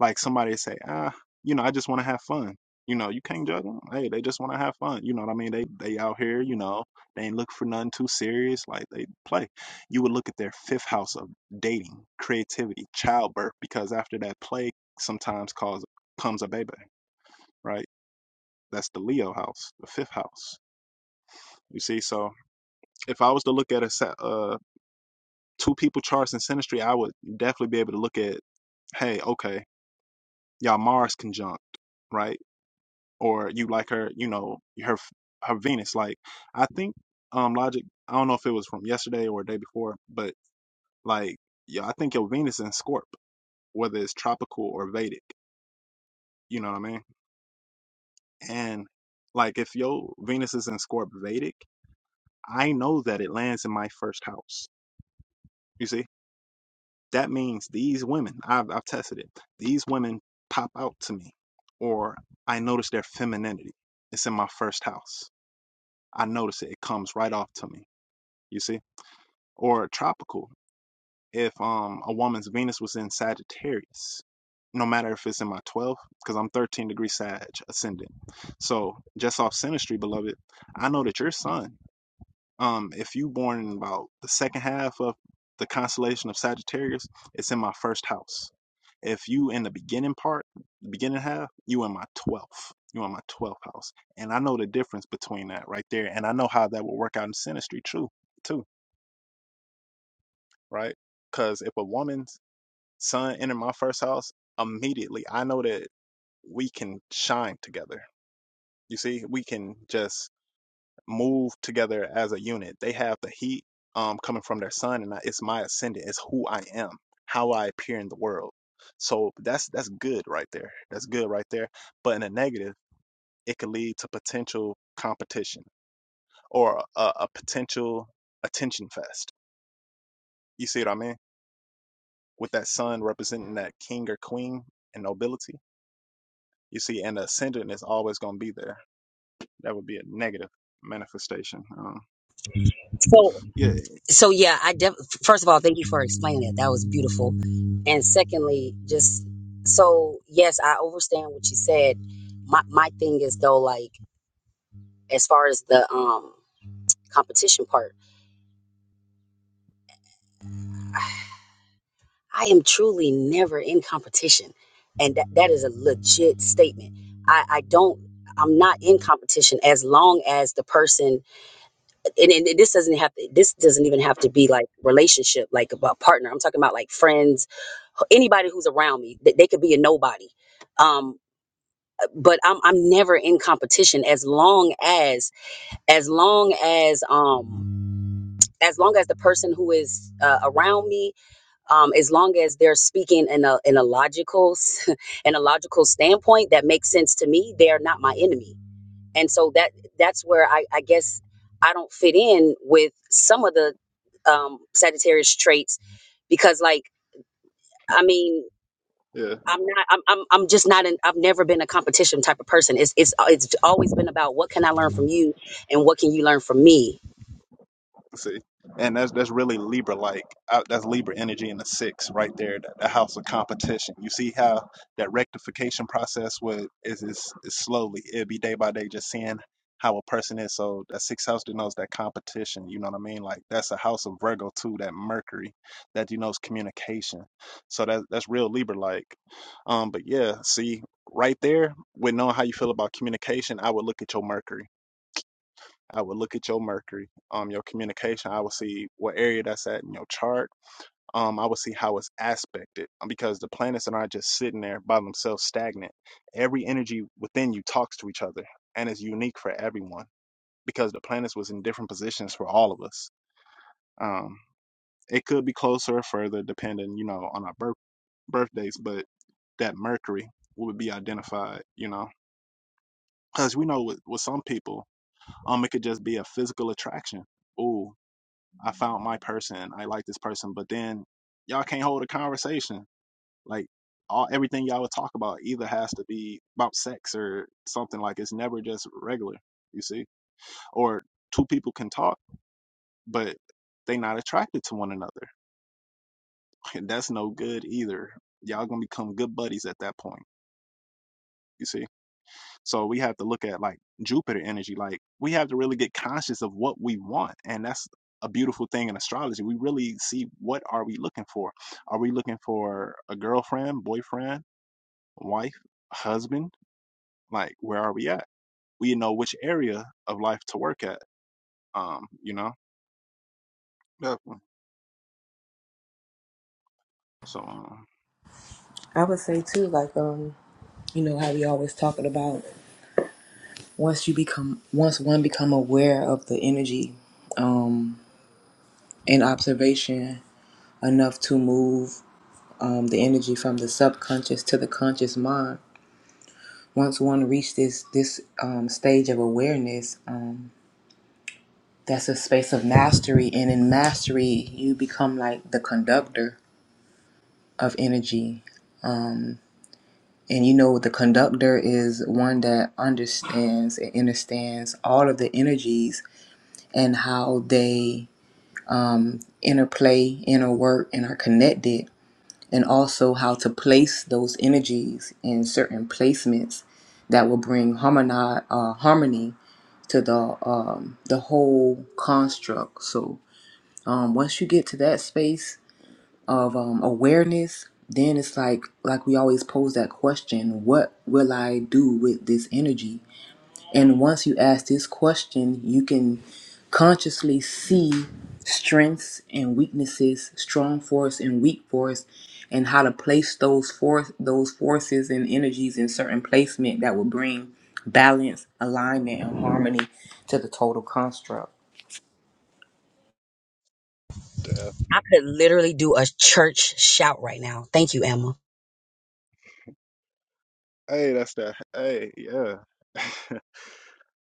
Like somebody say, ah, you know, I just want to have fun. You know, you can't judge them. Hey, they just want to have fun. You know what I mean? They they out here. You know, they ain't look for nothing too serious. Like they play. You would look at their fifth house of dating, creativity, childbirth, because after that play, sometimes cause comes a baby, right? That's the Leo house, the fifth house. You see, so if I was to look at a uh, two people charts in synastry, I would definitely be able to look at hey, okay y'all Mars conjunct, right? Or you like her, you know, her her Venus. Like I think um logic. I don't know if it was from yesterday or the day before, but like yeah, I think your Venus in Scorp, whether it's tropical or Vedic. You know what I mean? And like if your Venus is in Scorp Vedic, I know that it lands in my first house. You see, that means these women. I've I've tested it. These women pop out to me, or I notice their femininity. It's in my first house I notice it. It comes right off to me. You see? Or tropical. If um a woman's Venus was in Sagittarius, no matter if it's in my 12th, because I'm 13 degree Sag ascendant. So just off synastry, beloved, I know that your Sun. um, if you born in about the second half of the constellation of Sagittarius, it's in my first house. If you in the beginning part, the beginning half, you in my 12th. You in my 12th house. And I know the difference between that right there. And I know how that will work out in synastry, too, too, right? Because if a woman's son entered my first house, immediately I know that we can shine together. You see, we can just move together as a unit. They have the heat um, coming from their sun, and I- it's my ascendant. It's who I am, how I appear in the world. So that's that's good right there. That's good right there. But in a negative, it could lead to potential competition or a, a potential attention fest. You see what I mean? With that sun representing that king or queen and nobility. You see, and the ascendant is always going to be there. That would be a negative manifestation. Um, So yeah, so yeah, I def- first of all thank you for explaining it. That was beautiful, and secondly, just so yes, I understand what you said. My my thing is though, like as far as the um competition part. I am truly never in competition. And that, that is a legit statement. I, I don't, I'm not in competition as long as the person, and, and this doesn't have to, this doesn't even have to be like relationship, like about partner. I'm talking about like friends, anybody who's around me, that they could be a nobody. Um, but I'm, I'm never in competition as long as, as long as, um, as long as the person who is uh, around me um, as long as they're speaking in a in a logical s- in a logical standpoint that makes sense to me, they are not my enemy. And so that that's where I, I guess I don't fit in with some of the um, Sagittarius traits because, like, I mean, yeah. I'm not. I'm. I'm. I'm just not. An, I've never been a competition type of person. It's. It's. It's always been about what can I learn from you, and what can you learn from me. See, and that's that's really Libra like. Uh, That's Libra energy in the six right there. That, that house of competition. You see how that rectification process would is is, is slowly. It'd be day by day, just seeing how a person is. So that sixth house denotes that competition. You know what I mean? Like that's a house of Virgo too. That Mercury that denotes communication. So that that's real Libra like. Um, but yeah, see right there with knowing how you feel about communication, I would look at your Mercury I would look at your Mercury, um, your communication. I would see what area that's at in your chart. Um, I would see how it's aspected um, because the planets are not just sitting there by themselves stagnant. Every energy within you talks to each other and is unique for everyone because the planets was in different positions for all of us. Um, it could be closer or further depending, you know, on our birth birthdays, but that Mercury would be identified, you know, because we know with, with some people, um, it could just be a physical attraction. Ooh, I found my person. I like this person. But then y'all can't hold a conversation. Like all everything y'all would talk about either has to be about sex or something like it's never just regular, you see? Or two people can talk, but they not attracted to one another. And that's no good either. Y'all gonna become good buddies at that point. You see? So we have to look at like Jupiter energy. Like we have to really get conscious of what we want. And that's a beautiful thing in astrology. We really see what are we looking for? Are we looking for a girlfriend, boyfriend, wife, husband? Like where are we at? We know which area of life to work at. Um, you know? Definitely. So um, I would say too, like um, you know how we always talking about once you become once one become aware of the energy, um, and observation enough to move um the energy from the subconscious to the conscious mind. Once one reaches this this um stage of awareness, um, that's a space of mastery, and in mastery you become like the conductor of energy. Um, and you know, the conductor is one that understands and understands all of the energies and how they interplay, interwork, and are connected, and also how to place those energies in certain placements that will bring harmoni- uh, harmony to the um, the whole construct. So um, once you get to that space, of um, awareness, then it's like like we always pose that question, what will I do with this energy? And once you ask this question, you can consciously see strengths and weaknesses, strong force and weak force, and how to place those force those forces and energies in certain placement that will bring balance, alignment, and harmony to the total construct. yeah. I could literally do a church shout right now. Thank you, Emma. hey, that's that hey, yeah.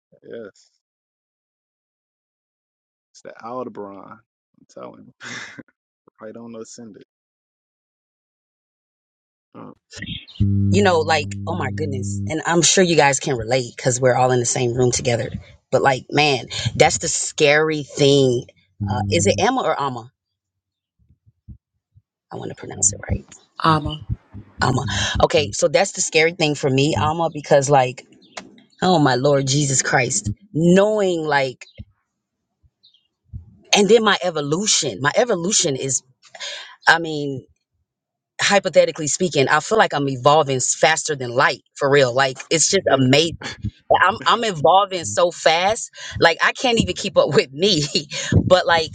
yes. It's the Aldebaran. I'm telling you. Right on the ascendant. Uh, you know, like, oh my goodness. And I'm sure you guys can relate because we're all in the same room together. But like, man, that's the scary thing. Uh, is it Emma or Alma? I want to pronounce it right. Ama. Alma. Okay, so that's the scary thing for me, Alma, because like, oh my Lord Jesus Christ, knowing like, and then my evolution. My evolution is, I mean, hypothetically speaking, I feel like I'm evolving s- faster than light for real. Like, it's just yeah, amazing I'm I'm evolving so fast, like I can't even keep up with me. but like,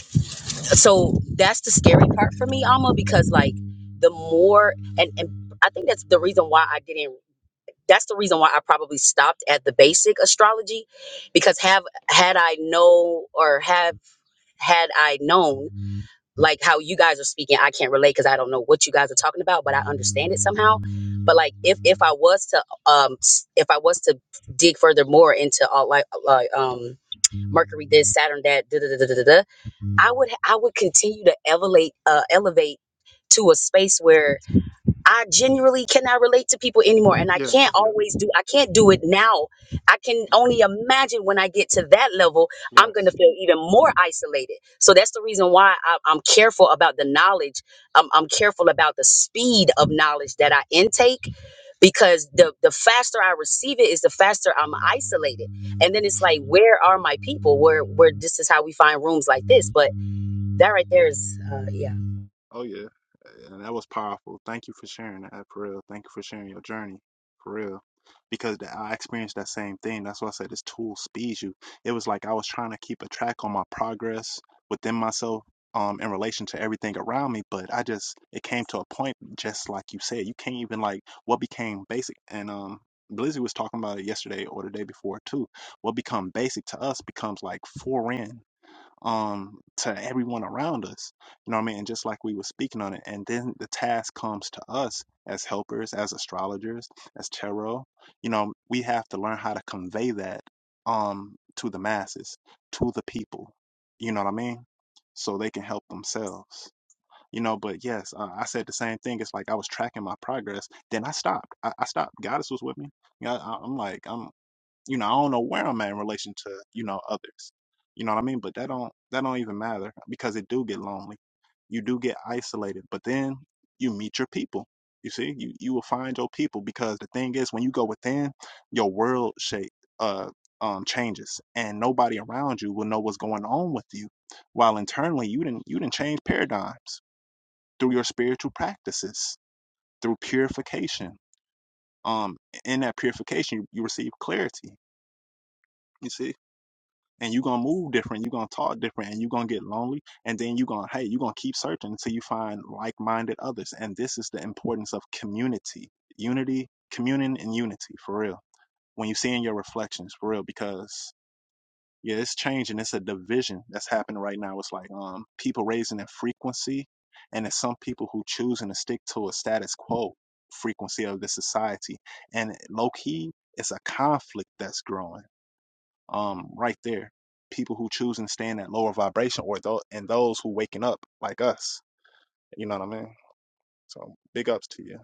so that's the scary part for me, Alma, because like the more and and I think that's the reason why I didn't. That's the reason why I probably stopped at the basic astrology, because have had I know or have had I known like how you guys are speaking i can't relate because i don't know what you guys are talking about but i understand it somehow but like if if i was to um s- if i was to dig further more into all like uh, like um mercury this saturn that da, da, da, da, da, da, da, i would i would continue to elevate uh elevate to a space where I genuinely cannot relate to people anymore. And I yeah, can't yeah. always do, I can't do it now. I can only imagine when I get to that level, I'm going to Yes. feel even more isolated. So that's the reason why I, I'm careful about the knowledge. I'm, I'm careful about the speed of knowledge that I intake because the, the faster I receive it is the faster I'm isolated. And then it's like, where are my people where, where this is how we find rooms like this. But that right there is, uh, yeah. Oh yeah. And that was powerful. Thank you for sharing that for real. Thank you for sharing your journey for real. Because that, I experienced that same thing. That's why I said this tool speeds you. It was like I was trying to keep a track on my progress within myself, um, in relation to everything around me. But I just it came to a point, just like you said, you can't even like what became basic. And um, Blizzy was talking about it yesterday or the day before too. What become basic to us becomes like foreign um to everyone around us you know what i mean and just like we were speaking on it and then the task comes to us as helpers as astrologers as tarot you know we have to learn how to convey that um to the masses to the people you know what i mean so they can help themselves you know but yes uh, i said the same thing it's like i was tracking my progress then i stopped i, I stopped goddess was with me yeah I, i'm like i'm you know, I don't know where I'm at in relation to, you know, others. You know what I mean? But that don't that don't even matter because it do get lonely. You do get isolated, but then you meet your people. You see, you you will find your people because the thing is, when you go within, your world shape uh um changes, and nobody around you will know what's going on with you. While internally, you didn't you didn't change paradigms through your spiritual practices, through purification. Um, in that purification, you, you receive clarity. You see and you're gonna move different, you're gonna talk different, and you're gonna get lonely, and then you're gonna hey, you're gonna keep searching until you find like-minded others. And this is the importance of community, unity, communion, and unity for real. When you see in your reflections for real, because yeah, it's changing. It's a division that's happening right now. It's like um people raising their frequency, and it's some people who choosing to stick to a status quo frequency of the society. And low key, it's a conflict that's growing um right there people who choose and stay in that lower vibration or those and those who waking up like us you know what i mean so big ups to you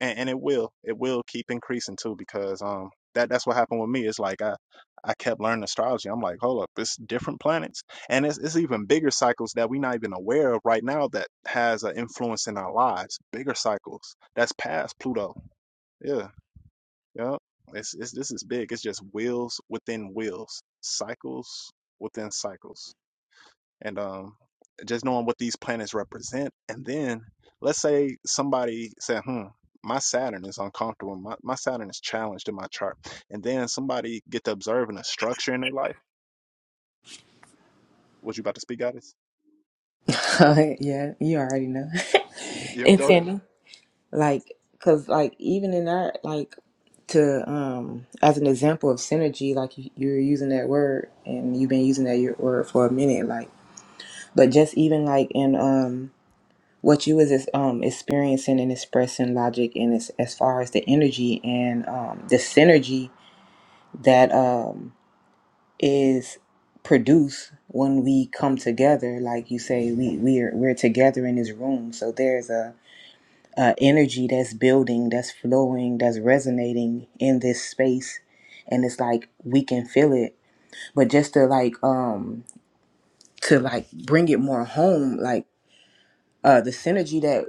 and, and it will it will keep increasing too because um that that's what happened with me it's like i i kept learning astrology i'm like hold up it's different planets and it's, it's even bigger cycles that we're not even aware of right now that has an influence in our lives bigger cycles that's past pluto yeah. Yep. It's, it's this is big. It's just wheels within wheels, cycles within cycles, and um, just knowing what these planets represent. And then let's say somebody said, "Hmm, my Saturn is uncomfortable. My my Saturn is challenged in my chart." And then somebody get to observing a structure in their life. What you about to speak, Goddess? yeah, you already know. Yep. and Go ahead. Cindy. like because like even in that like to um as an example of synergy like you, you're using that word and you've been using that your- word for a minute like but just even like in um what you was um experiencing and expressing logic and as, as far as the energy and um the synergy that um is produced when we come together like you say we we're we're together in this room so there's a uh, energy that's building, that's flowing, that's resonating in this space. And it's like we can feel it. But just to like um to like bring it more home, like uh the synergy that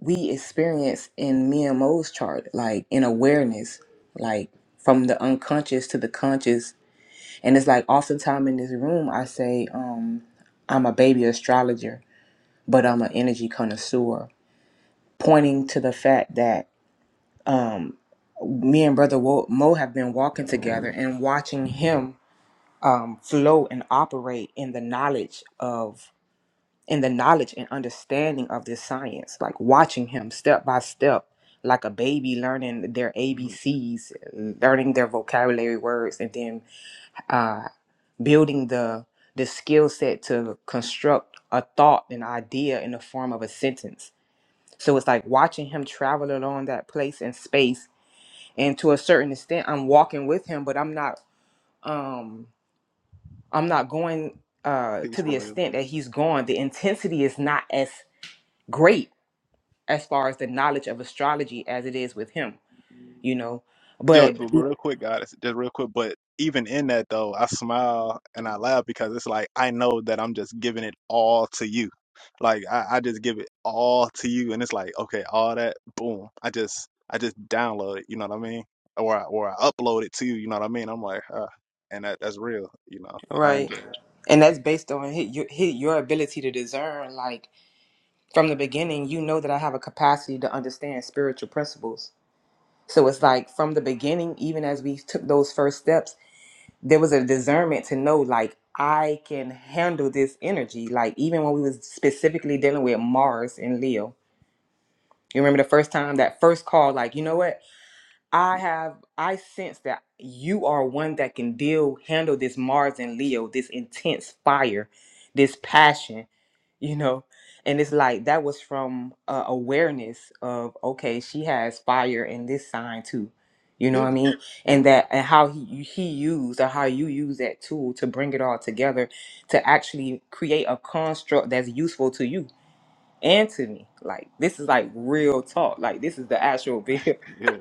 we experience in me and Mo's chart, like in awareness, like from the unconscious to the conscious. And it's like oftentimes in this room I say, um, I'm a baby astrologer, but I'm an energy connoisseur, pointing to the fact that um, me and brother Wo- Mo have been walking together and watching him um, flow and operate in the knowledge of in the knowledge and understanding of this science like watching him step by step like a baby learning their abcs learning their vocabulary words and then uh, building the the skill set to construct a thought an idea in the form of a sentence so it's like watching him travel along that place and space and to a certain extent i'm walking with him but i'm not um i'm not going uh Peace, to the Royal. extent that he's gone the intensity is not as great as far as the knowledge of astrology as it is with him you know Yo, but but real quick, guys, just real quick. But even in that, though, I smile and I laugh because it's like I know that I'm just giving it all to you. Like I, I just give it all to you, and it's like okay, all that, boom. I just, I just download it. You know what I mean? Or, I, or I upload it to you. You know what I mean? I'm like, uh, and that, that's real. You know, I right enjoy it. and that's based on his, your, hi- your ability to discern like from the beginning you know that i have a capacity to understand spiritual principles so it's like from the beginning even as we took those first steps there was a discernment to know like I can handle this energy. Like even when we was specifically dealing with Mars and Leo. You remember the first time that first call, like, you know what? I have I sense that you are one that can deal handle this Mars and Leo, this intense fire, this passion, you know. And it's like that was from uh, awareness of okay, she has fire in this sign too. You know what I Yeah, mean? yeah, And that and how he he used or how you use that tool to bring it all together to actually create a construct that's useful to you and to me. Like this is like real talk. Like this is the actual bill. yeah,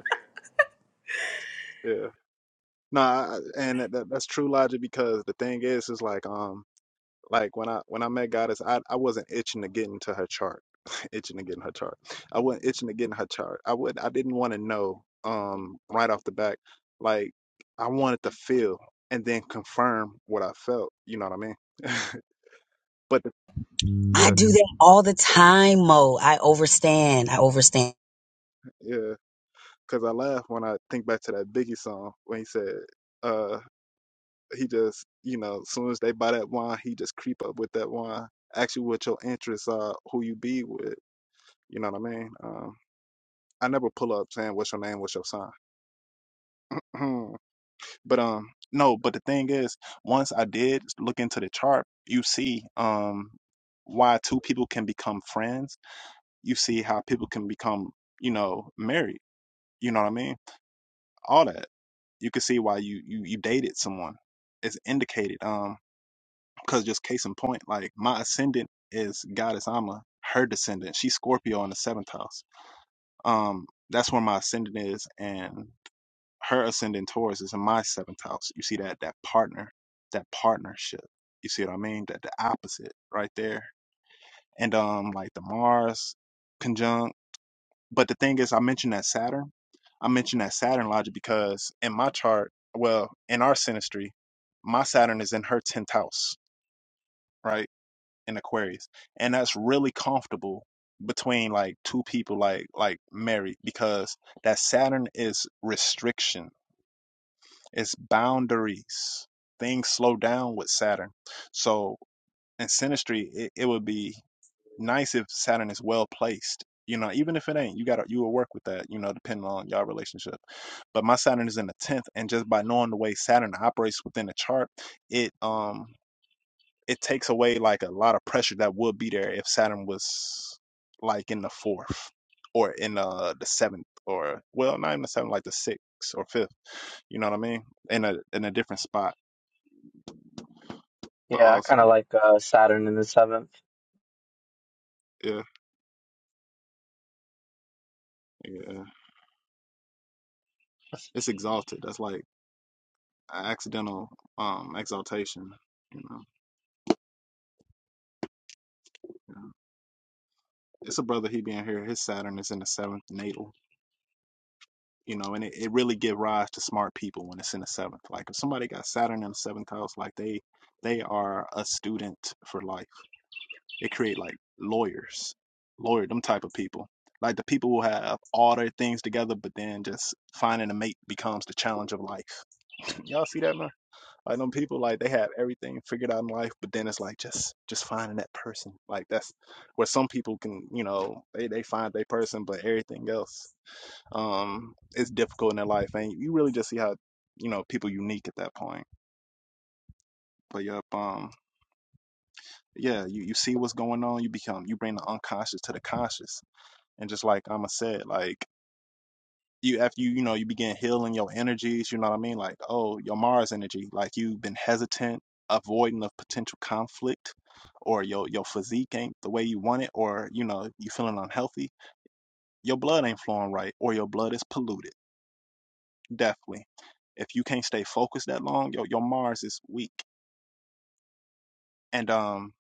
yeah. No, I, and that, that, that's true logic because the thing is, is like, um. Like when I when I met Goddess, I I wasn't itching to get into her chart, itching to get in her chart. I wasn't itching to get in her chart. I would I didn't want to know um right off the back. Like I wanted to feel and then confirm what I felt. You know what I mean? but the, I yeah, do that all the time, Mo. I overstand. I overstand. yeah. Cause I laugh when I think back to that Biggie song when he said, uh, he just you know, as soon as they buy that wine, he just creep up with that wine. Ask you what your interests are, who you be with. You know what I mean? Um, I never pull up saying what's your name, what's your sign. but um no, but the thing is, once I did look into the chart, you see um why two people can become friends. You see how people can become, you know, married. You know what I mean? All that. You can see why you you you dated someone. It's indicated. Um, because just case in point, like my ascendant is goddess Ama, her descendant. She's Scorpio in the seventh house. Um, that's where my ascendant is, and her ascendant Taurus is in my seventh house. You see that that partner, that partnership. You see what I mean? That the opposite right there. And um like the Mars conjunct. But the thing is I mentioned that Saturn. I mentioned that Saturn logic because in my chart, well, in our synastry, my Saturn is in her tenth house, right? In Aquarius. And that's really comfortable between like two people like like married because that Saturn is restriction It's boundaries. Things slow down with Saturn. So in Sinistry, it, it would be nice if Saturn is well placed. You know, even if it ain't, you gotta you will work with that, you know, depending on your relationship. But my Saturn is in the tenth, and just by knowing the way Saturn operates within the chart, it um it takes away like a lot of pressure that would be there if Saturn was like in the fourth or in uh the seventh or well not in the seventh like the sixth or fifth. You know what I mean? In a in a different spot but Yeah, I kind of also like uh, Saturn in the seventh. yeah yeah it's exalted that's like an accidental um exaltation you know yeah. it's a brother he being here his saturn is in the seventh natal you know and it, it really give rise to smart people when it's in the seventh like if somebody got saturn in the seventh house like they they are a student for life they create like lawyers lawyer them type of people like the people who have all their things together but then just finding a mate becomes the challenge of life y'all see that man I know people like they have everything figured out in life, but then it's like just just finding that person. Like that's where some people can, you know, they they find their person, but everything else um is difficult in their life, and you really just see how you know people unique at that point. But yep, um, yeah, you you see what's going on, you become you bring the unconscious to the conscious, and just like Amma said, like you after you you know you begin healing your energies you know what i mean like oh your mars energy like you've been hesitant avoiding of potential conflict or your your physique ain't the way you want it or you know you feeling unhealthy your blood ain't flowing right or your blood is polluted definitely if you can't stay focused that long your, your mars is weak and um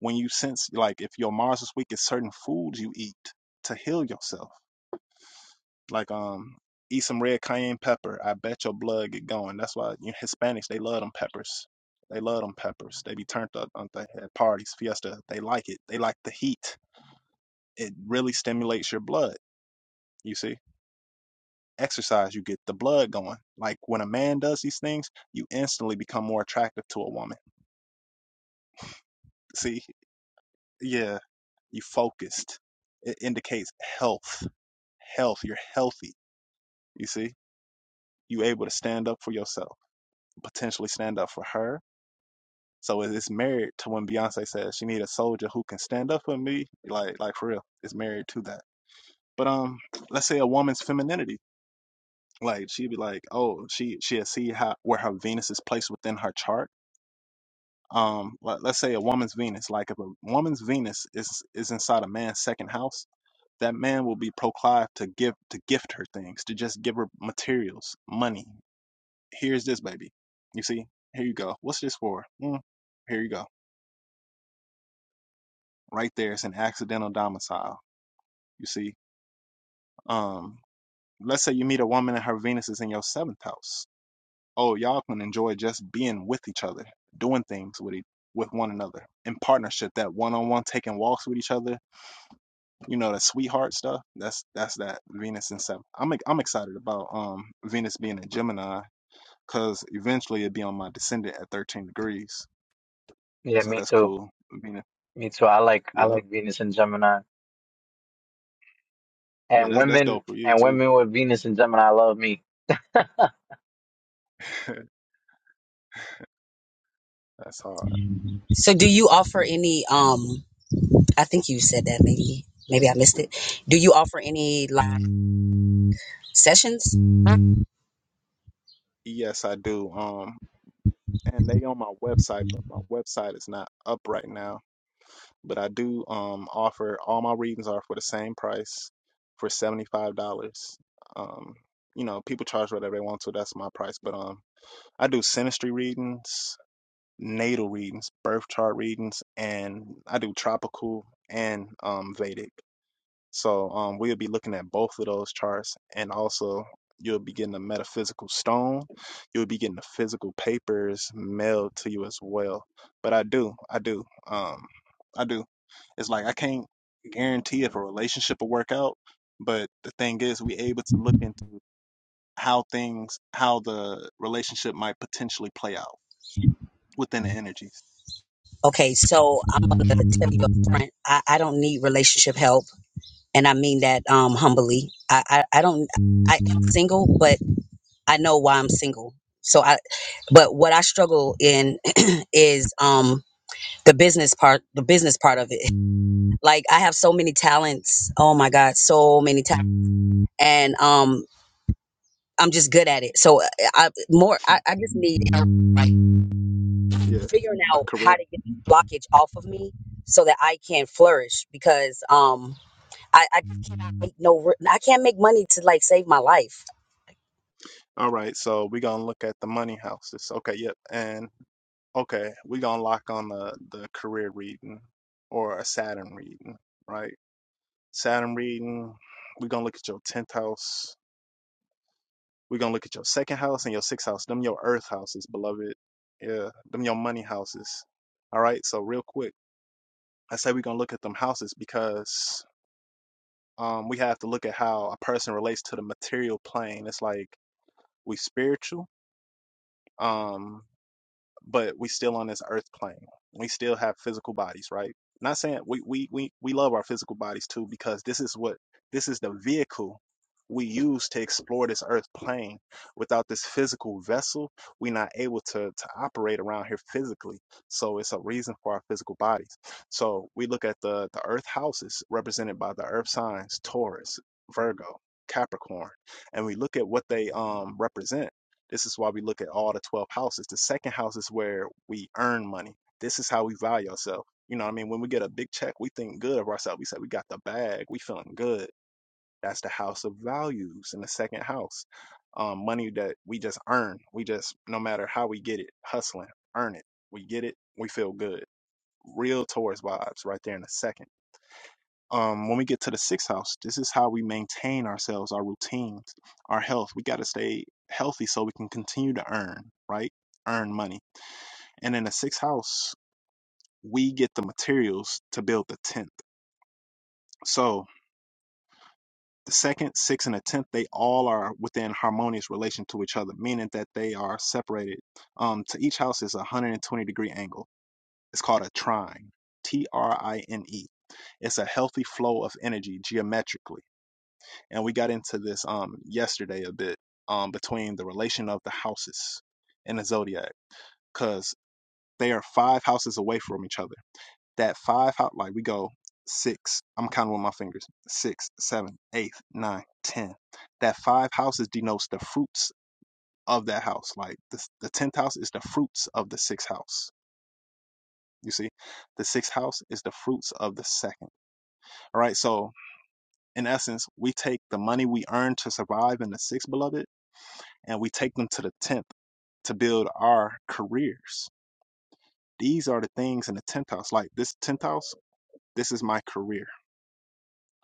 when you sense like if your mars is weak it's certain foods you eat to heal yourself Like um, eat some red cayenne pepper. I bet your blood get going. That's why you know, Hispanics they love them peppers. They love them peppers. They be turned up on the at parties, fiesta. They like it. They like the heat. It really stimulates your blood. You see, exercise you get the blood going. Like when a man does these things, you instantly become more attractive to a woman. See, yeah, you focused. It indicates health. Health. You're healthy. You see, you able to stand up for yourself potentially stand up for her So it- it's married to when Beyonce says she need a soldier who can stand up for me, like like for real. It's married to that. But um, let's say a woman's femininity, like she'd be like, oh, she she'll see how where her Venus is placed within her chart. Um, let, let's say a woman's Venus, like if a woman's Venus is is inside a man's second house, that man will be proclived to give to gift her things, to just give her materials, money. Here's this baby, you see. Here you go. What's this for? Mm, here you go right there. It's an accidental domicile. You see, um, let's say you meet a woman and her Venus is in your seventh house. Oh, y'all can enjoy just being with each other, doing things with each, with one another in partnership. That one on one, taking walks with each other. You know, the sweetheart stuff. That's that's that Venus in seventh. I'm I'm excited about um Venus being a Gemini because eventually it'd be on my descendant at 13 degrees. Yeah, So me that's too. cool. Venus. Me too. I like I Yep. like Venus and Gemini, Yeah, and that's that's women dope for you and too. women with Venus and Gemini love me. That's hard. So do you offer any um I think you said that maybe maybe I missed it. Do you offer any like sessions? Yes, I do. Um, and they on my website, but my website is not up right now. But I do um offer all my readings are for the same price for seventy five dollars. Um, you know, people charge whatever they want to, that's my price. But um I do sinistry readings, natal readings, birth chart readings, and I do tropical and um Vedic. So um, we'll be looking at both of those charts, and also you'll be getting a metaphysical stone. You'll be getting the physical papers mailed to you as well. But I do, I do, um, I do. It's like I can't guarantee if a relationship will work out, but the thing is, we able to look into how things, how the relationship might potentially play out within the energies. Okay, so I'm gonna tell you up front, I, I don't need relationship help and I mean that um humbly. I, I, I don't I am single, but I know why I'm single. So I but what I struggle in is um the business part the business part of it like i have so many talents oh my god so many talents and um i'm just good at it so uh, i more i, I just need help like Yeah, figuring a out how career. to get this blockage off of me so that i can flourish because um i, I just cannot make no re- i can't make money to like save my life All right, so we're gonna look at the money houses. Okay, yep, and Okay, we gonna lock on the the career reading or a Saturn reading, right? Saturn reading, we gonna look at your tenth house. we gonna look at your second house and your sixth house. Them your earth houses, beloved. Yeah, them your money houses. All right, so real quick, I say we gonna look at them houses because um we have to look at how a person relates to the material plane. It's like we spiritual. Um but we still on this earth plane. We still have physical bodies, right? Not saying we we we we love our physical bodies too because this is what this is the vehicle we use to explore this earth plane. Without this physical vessel, we're not able to to operate around here physically. So it's a reason for our physical bodies. So we look at the the earth houses represented by the earth signs Taurus, Virgo, Capricorn, and we look at what they um represent this is why we look at all the 12 houses. The second house is where we earn money. This is how we value ourselves. You know what I mean? When we get a big check, we think good of ourselves. We say we got the bag, we feeling good. That's the house of values in the second house. Um, money that we just earn. We just, no matter how we get it, hustling, earn it. We get it, we feel good. Real Taurus vibes right there in the second um, when we get to the sixth house, this is how we maintain ourselves, our routines, our health. We got to stay healthy so we can continue to earn, right? Earn money. And in the sixth house, we get the materials to build the tenth. So the second, sixth, and the tenth, they all are within harmonious relation to each other, meaning that they are separated. Um, to each house is a 120 degree angle. It's called a trine, T R I N E. It's a healthy flow of energy geometrically and we got into this um yesterday a bit um between the relation of the houses in the zodiac because they are five houses away from each other that five house, like we go six i'm counting with my fingers six seven eight nine ten that five houses denotes the fruits of that house like the, the tenth house is the fruits of the sixth house you see the sixth house is the fruits of the second all right so in essence we take the money we earn to survive in the sixth beloved and we take them to the 10th to build our careers. These are the things in the 10th house. Like this 10th house, this is my career.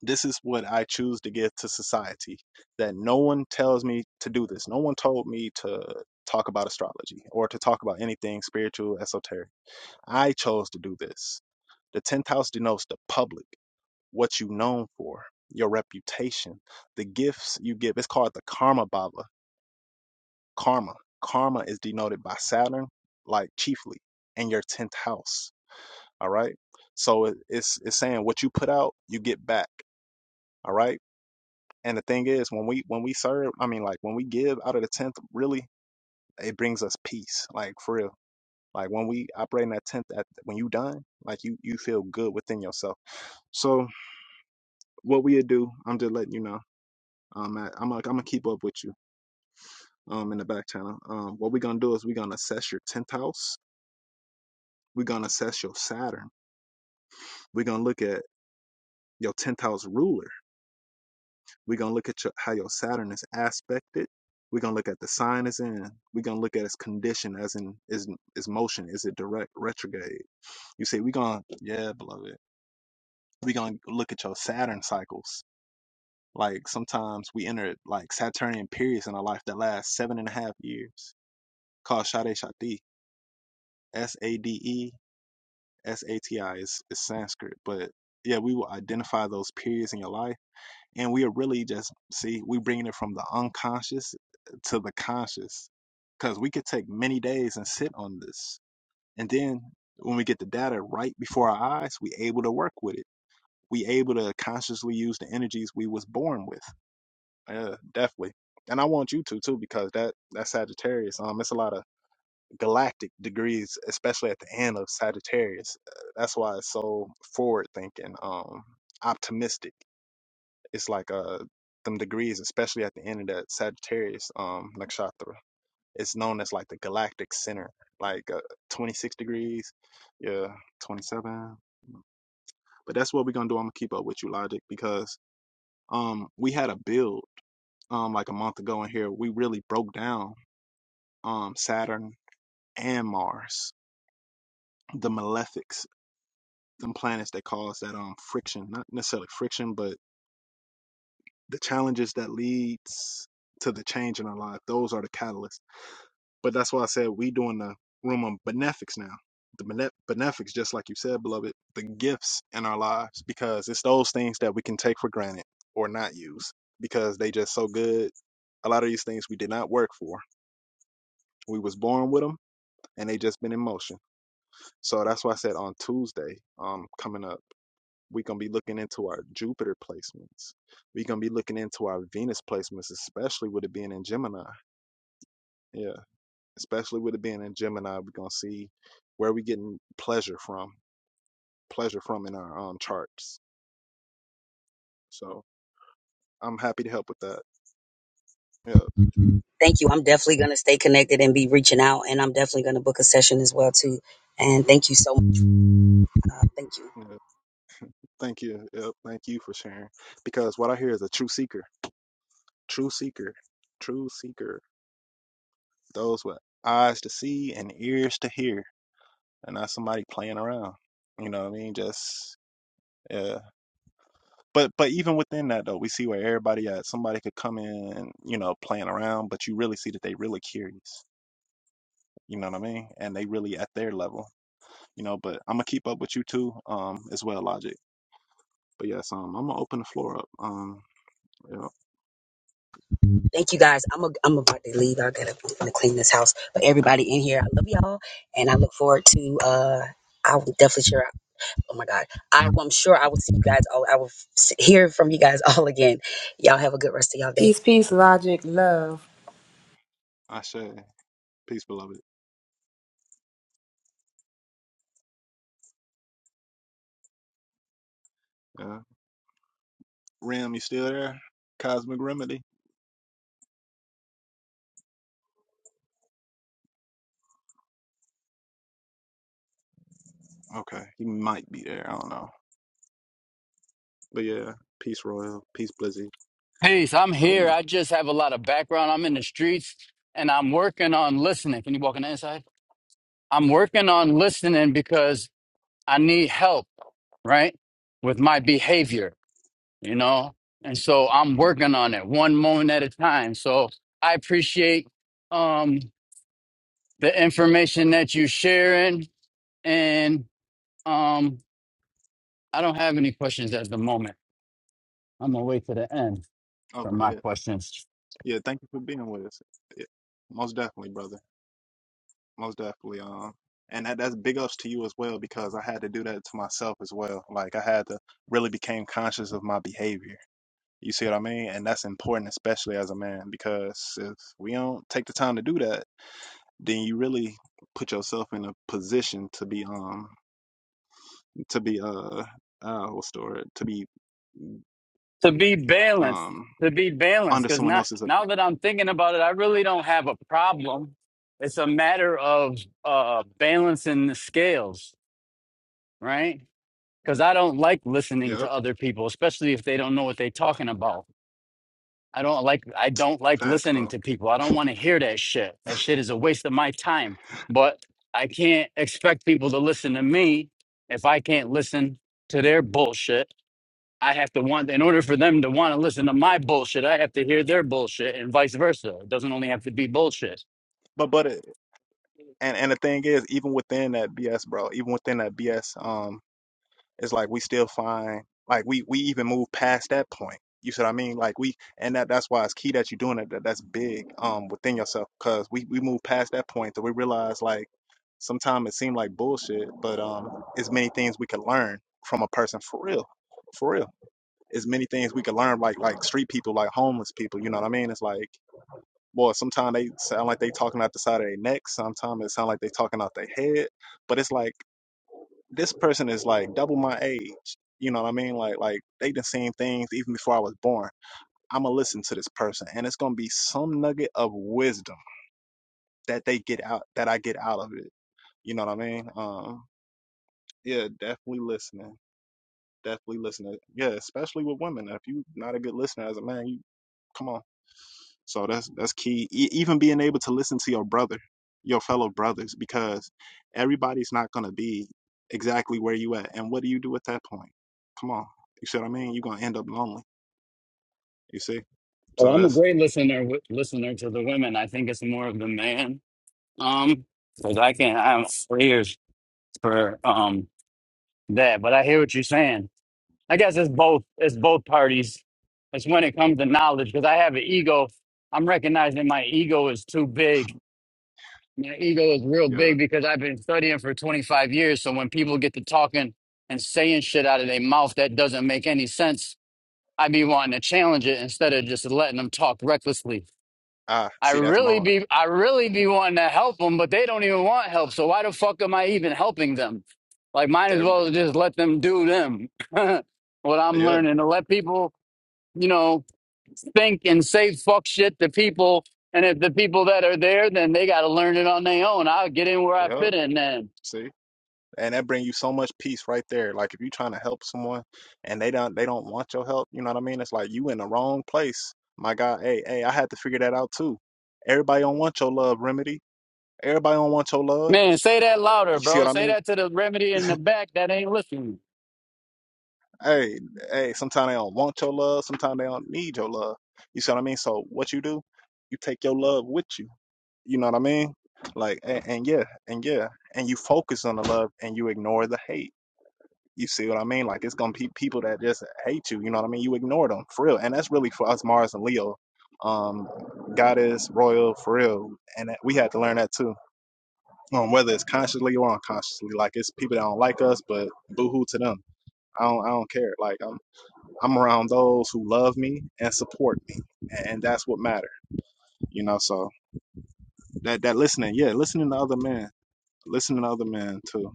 This is what I choose to give to society that no one tells me to do this. No one told me to talk about astrology or to talk about anything spiritual, esoteric. I chose to do this. The 10th house denotes the public, what you are known for, your reputation, the gifts you give. It's called the karma baba Karma. Karma is denoted by Saturn, like chiefly, in your tenth house. All right. So it, it's it's saying what you put out, you get back. All right. And the thing is, when we when we serve, I mean, like when we give out of the tenth, really, it brings us peace. Like for real. Like when we operate in that tenth, at when you done, like you you feel good within yourself. So what we do, I'm just letting you know. Um, I, I'm going I'm gonna keep up with you um in the back channel. Um, what we're gonna do is we're gonna assess your tenth house We're going to assess your Saturn. We're going to look at your 10th house ruler. We're going to look at your, how your Saturn is aspected. We're going to look at the sign it's in. We're going to look at its condition, as in is is motion. Is it direct, retrograde? You see, we're going, to yeah, beloved. We're going to look at your Saturn cycles. Like sometimes we enter like Saturnian periods in our life that last seven and a half years called Shade Shati, S A D E S A T I is Sanskrit. But yeah, we will identify those periods in your life and we are really just see we bringing it from the unconscious to the conscious because we could take many days and sit on this and then when we get the data right before our eyes we able to work with it we able to consciously use the energies we was born with uh, definitely and i want you to too because that that sagittarius um it's a lot of galactic degrees especially at the end of sagittarius Uh, that's why it's so forward thinking um optimistic it's like uh them degrees, especially at the end of that Sagittarius um nakshatra. It's known as like the galactic center, like uh, 26 degrees, yeah, 27. But that's what we're gonna do. I'm gonna keep up with you, Logic, because um we had a build um like a month ago in here. We really broke down um Saturn and Mars, the malefics, them planets that cause that um friction, not necessarily friction, but the challenges that leads to the change in our life. Those are the catalysts But that's why I said we doing the room on benefics now. The bene- benefics, just like you said, beloved, the gifts in our lives, because it's those things that we can take for granted or not use because they just so good. A lot of these things we did not work for. We was born with them, and they just been in motion. So that's why I said on Tuesday, um, coming up, we gonna be looking into our Jupiter placements. we gonna be looking into our Venus placements, especially with it being in Gemini. Yeah especially with it being in Gemini, we're gonna see where we getting pleasure from, pleasure from in our um charts. So I'm happy to help with that. Yeah, Thank you. I'm definitely going to stay connected and be reaching out, and I'm definitely going to book a session as well too. And thank you so much. Uh, thank you, yeah. Thank you. Yep. Thank you for sharing. Because what I hear is a true seeker, true seeker, true seeker. Those with eyes to see and ears to hear, and not somebody playing around. You know what I mean? Just yeah. But but even within that though, we see where everybody at. Somebody could come in, you know, playing around, but you really see that they really curious You know what I mean? And they really at their level, you know. But I'm gonna keep up with you too, um, as well, Logic. But yes, um, I'm gonna open the floor up. Um, you know, thank you guys. I'm a, I'm about to leave. I gotta I'm gonna clean this house. But everybody in here, I love y'all, and I look forward to. uh I will definitely share. Oh my God, I, I'm sure I will see you guys all. I will s- hear from you guys all again. Y'all have a good rest of y'all day. Peace, peace, logic, love. I say peace, beloved. Yeah, Rim, you still there? Cosmic Remedy. Okay, he might be there. I don't know. But yeah, peace, Royal. Peace, Blizzy. Peace. I'm I here. wanna. I just have a lot of background. I'm in the streets, and I'm working on listening. Can you walk on the inside? I'm working on listening because I need help, right? With my behavior, you know? And so I'm hmm working on it one moment at a time. So I appreciate um the information that you are sharing and um I don't have any questions at the moment. I'm gonna wait to the end for Okay, my yeah, questions. yeah. Thank you for being with us. Yeah, most definitely, brother. most definitely. Um, and that, that's big ups to you as well because I had to do that to myself as well. Like I had to really became conscious of my behavior. You see what I mean? And that's important, especially as a man, because if we don't take the time to do that, then you really put yourself in a position to be um to be uh uh what's the word to be To be balanced, um to be balanced, under because someone now else's. now that I'm thinking about it, I really don't have a problem. It's a matter of uh balancing the scales, right? because I don't like listening Yep, to other people, especially if they don't know what they're talking about. I don't like I don't like facts, bro. listening to people. I don't want to hear that shit. That shit is a waste of my time. But I can't expect people to listen to me if I can't listen to their bullshit. I have to want in order for them to want to listen to my bullshit, I have to hear their bullshit and vice versa. It doesn't only have to be bullshit. But but it, and and the thing is, even within that BS, bro, even within that BS, um, it's like we still find like we we even move past that point you see what i mean like we and that that's why it's key that you're doing it that that's big um within yourself because we we move past that point that we realize like sometimes it seemed like bullshit but um it's many things we can learn from a person for real for real It's many things we can learn like like street people like homeless people you know what i mean it's like boy sometimes they sound like they talking out the side of their neck sometimes it sound like they talking out their head but it's like this person is like double my age. You know what I mean? Like like they done seen things even before I was born. I'ma listen to this person and it's gonna be some nugget of wisdom that they get out that I get out of it. You know what I mean? Um yeah, definitely listening. Definitely listening. Yeah, especially with women. If you not a good listener as a man, you. Come on. So that's that's key. E- even being able to listen to your brother, your fellow brothers, because everybody's not gonna be exactly where you at. And what do you do at that point? Come on, you see what I mean? You're gonna end up lonely. You see? Oh, So I'm a that's great listener wi- listener to the women. I think it's more of the man. Um, because I can't. I'm all ears. for um that. But I hear what you're saying. I guess it's both. It's both parties. It's when it comes to knowledge because I have an ego. I'm recognizing my ego is too big. My ego is real yeah. big because I've been studying for 25 years. So when people get to talking and saying shit out of their mouth that doesn't make any sense, I be wanting to challenge it instead of just letting them talk recklessly. Ah, I see, that's really Mars. be I really be wanting to help them, but they don't even want help. So why the fuck am I even helping them? Like, might as There we go. well just let them do them. what I'm Yeah, learning to let people, you know, think and say fuck shit to people. And if the people that are there, then they got to learn it on their own. I'll get in where I yep. fit in. Then, See, and that bring you so much peace right there. Like if you're trying to help someone and they don't they don't want your help, you know what I mean? It's like you in the wrong place. My God, hey, hey, I had to figure that out too. Everybody don't want your love remedy. Everybody don't want your love. man, say that louder, You see bro. what I Say mean? that to the remedy in the back that ain't listening. Hey, hey, sometimes they don't want your love, sometimes they don't need your love. You see what I mean? So what you do, you take your love with you. You know what I mean? Like and, and yeah, and yeah. And you focus on the love and you ignore the hate. You see what I mean? Like it's gonna be people that just hate you, you know what I mean? You ignore them for real. And that's really for us Mars and Leo. Um, goddess, royal, for real. And that, we had to learn that too. Um, whether it's consciously or unconsciously. Like it's people that don't like us, but boo hoo to them. I don't I don't care. Like I'm I'm around those who love me and support me, and that's what matters. You know, so that that listening, yeah, listening to other men, listening to other men too.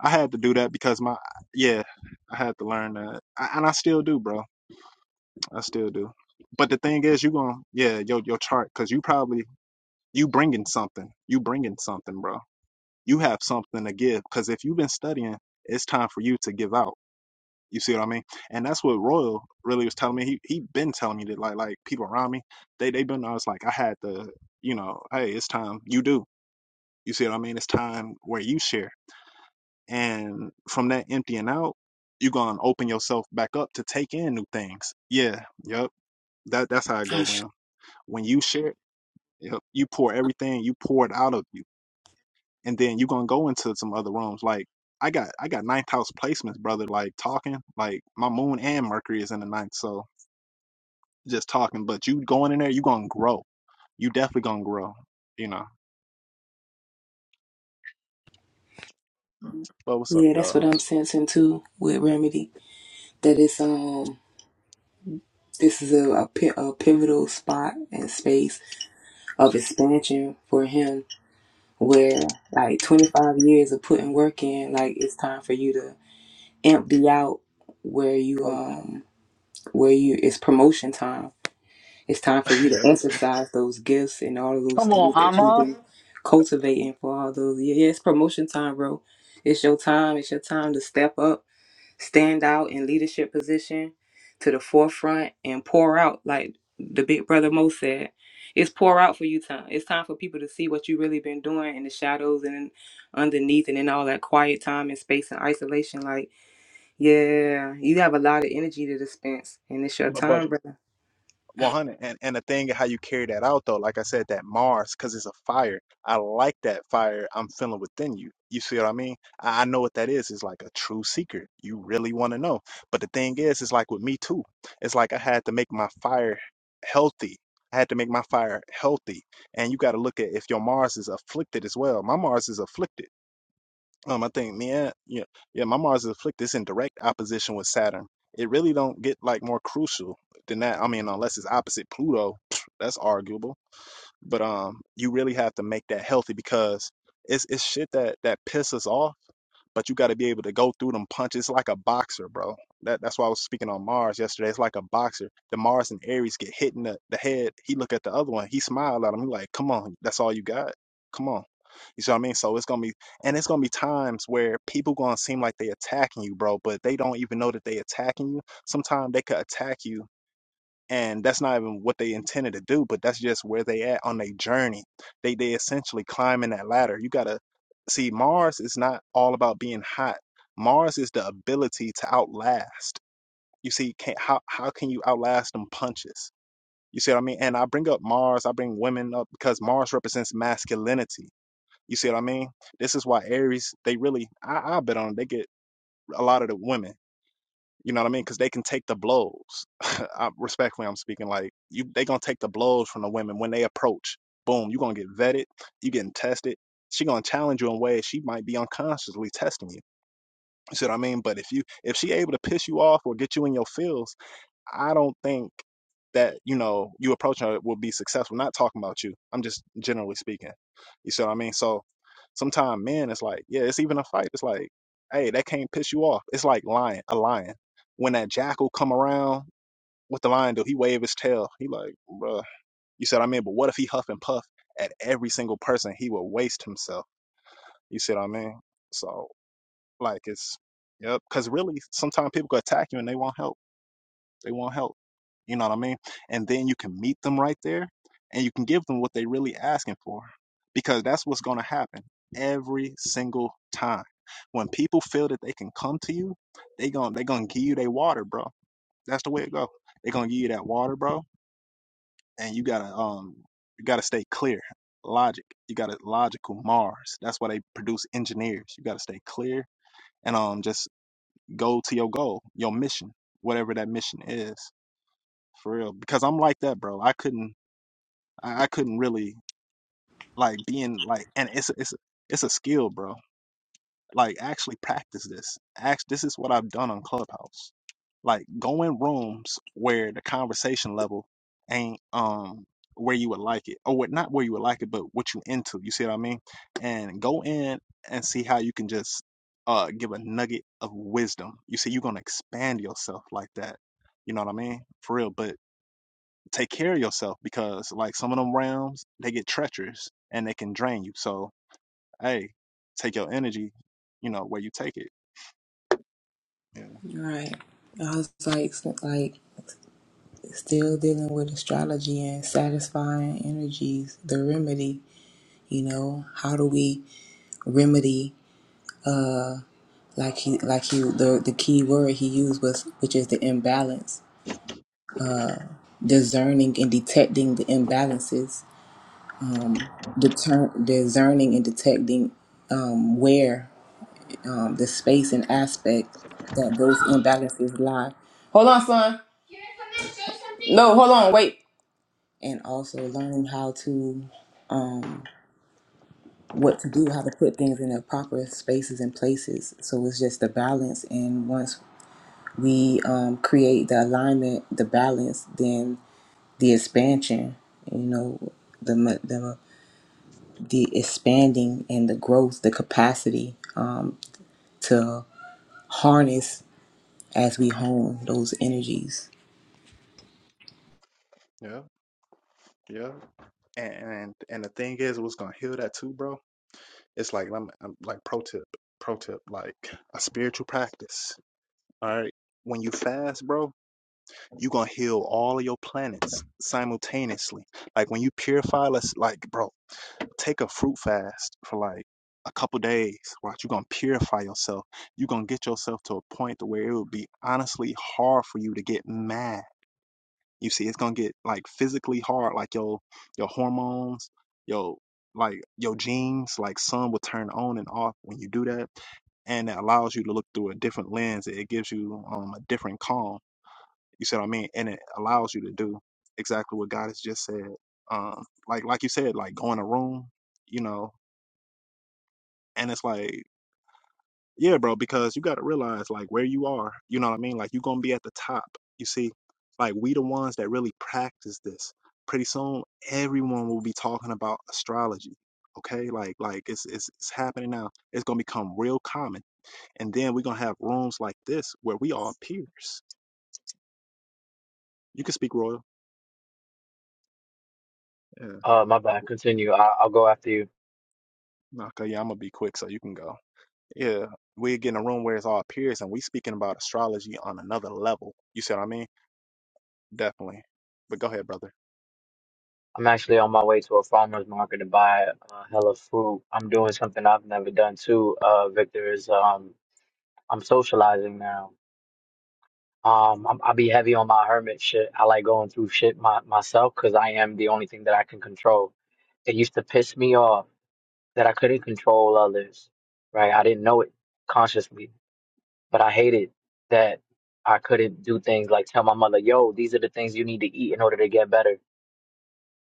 I had to do that because my yeah, I had to learn that, I, and I still do, bro. I still do. But the thing is, you gonna yeah, your your chart because you probably you bringing something, you bringing something, bro. You have something to give because if you've been studying, it's time for you to give out You see what I mean? And that's what Royal really was telling me. He he been telling me that like like people around me, they they been I was like I had to, you know, hey, it's time you do. You see what I mean? It's time where you share. And from that emptying out, you gonna open yourself back up to take in new things. Yeah, yep. That that's how I go around. When you share, yep, you pour everything you pour it out of you. And then you gonna go into some other rooms. Like I got I got ninth house placements, brother, like talking. Like my moon and Mercury is in the ninth. So just talking, but you going in there, you gonna grow. You definitely gonna grow. You know. But what's up, Yeah, that's what y'all? I'm sensing too with Remedy. That it's um this is a, a, pi- a pivotal spot and space of expansion for him where like 25 years of putting work in like it's time for you to empty out where you Oh yeah. um where you it's promotion time it's time for you to yeah. exercise those gifts and all of those Come on, things that you've Amma. been cultivating for all those years yeah it's promotion time bro it's your time it's your time to step up stand out in leadership position to the forefront and pour out like the big brother Mo said. It's pour out for you time. It's time for people to see what you really been doing in the shadows and in- underneath and in all that quiet time and space and isolation. Like, yeah, you have a lot of energy to dispense and it's your But but time, brother. one hundred and and the thing of how you carry that out though, like I said, that Mars, cause it's a fire. I like that fire I'm feeling within you. You see what I mean? I, I know what that is. It's like a true secret. You really want to know. But the thing is, it's like with me too. It's like I had to make my fire healthy. I had to make my fire healthy. And you got to look at if your Mars is afflicted as well. My Mars is afflicted Um, I think me and yeah, yeah, my Mars is afflicted. It's in direct opposition with Saturn. It really don't get like more crucial than that. I mean, unless it's opposite Pluto, that's arguable. But um, you really have to make that healthy because it's it's shit that that pisses off but you got to be able to go through them punches like a boxer, bro. That that's why I was speaking on Mars yesterday. It's like a boxer. The Mars and Aries get hit in the, the head. He look at the other one. He smiled at him. He like, come on, that's all you got. Come on. You see what I mean? So it's gonna be, and it's gonna be times where people gonna seem like they attacking you, bro, but they don't even know that they attacking you. Sometimes they could attack you and that's not even what they intended to do but that's just where they at on their journey they they essentially climbing that ladder you gotta see mars is not all about being hot mars is the ability to outlast you see can how, how can you outlast them punches you see what i mean and i bring up mars i bring women up because mars represents masculinity you see what i mean this is why aries they really i, I bet on it, they get a lot of the women you know what I mean? Because they can take the blows. I, respectfully, I'm speaking like you. They gonna take the blows from the women when they approach. Boom, you gonna get vetted. You getting tested. She gonna challenge you in ways she might be unconsciously testing you. You see what I mean? But if you if she able to piss you off or get you in your feels, I don't think that you know you approaching it will be successful. Not talking about you. I'm just generally speaking. You see what I mean? So sometimes men, it's like yeah, it's even a fight. It's like hey, that can't piss you off. It's like lion, a lion. When that jackal come around, what the lion do? He wave his tail. He like bruh. You see what I mean? But what if he huff and puff at every single person? He will waste himself. You see what I mean? So like it's yep. Because really, sometimes people can attack you and they won't help. They want help. You know what I mean? And then you can meet them right there and you can give them what they really asking for because that's what's going to happen every single time. When people feel that they can come to you, they gon' they going to give you their water, bro. That's the way it go. They going to give you that water, bro, and you got to um you got to stay clear. Logic. You got to logical Mars. That's why they produce engineers. You got to stay clear and um just go to your goal, your mission, whatever that mission is for real because i'm like that bro i couldn't i, I couldn't really like being like and it's a, it's a, it's a skill bro like actually practice this act this is what i've done on clubhouse like go in rooms where the conversation level ain't um where you would like it or what not where you would like it but what you into you see what i mean and go in and see how you can just uh give a nugget of wisdom you see you're gonna expand yourself like that you know what i mean for real but take care of yourself because like some of them realms, they get treacherous and they can drain you so hey take your energy you know where you take it yeah Right. I was like, s- like still dealing with astrology and satisfying energies, the remedy. You know, how do we remedy? like he like he the the key word he used was which is the imbalance uh discerning and detecting the imbalances um deter- discerning and detecting um where um the space and aspect that those imbalances lie hold on son no hold on wait and also learning how to um what to do how to put things in their proper spaces and places so it's just the balance and once we um, create the alignment, the balance, then the expansion, you know, the, the, the expanding and the growth, the capacity um, to harness as we hone those energies. Yeah, yeah. and and, and the thing is what's gonna heal that too bro it's like I'm, I'm like pro tip pro tip like a spiritual practice all right when you fast bro you gonna heal all of your planets simultaneously like when you purify let's like bro take a fruit fast for like a couple days. Watch, you're gonna purify yourself. You're gonna get yourself to a point to where it would be honestly hard for you to get mad. You see, it's gonna get like physically hard, like your your hormones, your like your genes, like some will turn on and off when you do that, and it allows you to look through a different lens. It gives you um a different calm. You see what I mean? And it allows you to do exactly what God has just said. Um, like like you said, like go in a room, you know, and it's like, yeah, bro, because you got to realize like where you are. You know what I mean? Like you're gonna be at the top. You see, like we the ones that really practice this. Pretty soon, everyone will be talking about astrology. Okay, like like it's it's it's happening now. It's gonna become real common, and then we're gonna have rooms like this where we all peers. You can speak royal. Yeah. Uh, my bad. Continue. I, I'll go after you. Okay. Yeah, I'm gonna be quick so you can go. Yeah, we get in a room where it's all peers, and we speaking about astrology on another level. You see what I mean? Definitely. But go ahead, brother. I'm actually on my way to a farmer's market to buy a hell fruit. I'm doing something I've never done too. Uh, Victor is um, I'm socializing now. Um, I'm, I'll be heavy on my hermit shit. I like going through shit my, myself because I am the only thing that I can control. It used to piss me off that I couldn't control others, right? I didn't know it consciously, but I hated that I couldn't do things like tell my mother, yo, these are the things you need to eat in order to get better.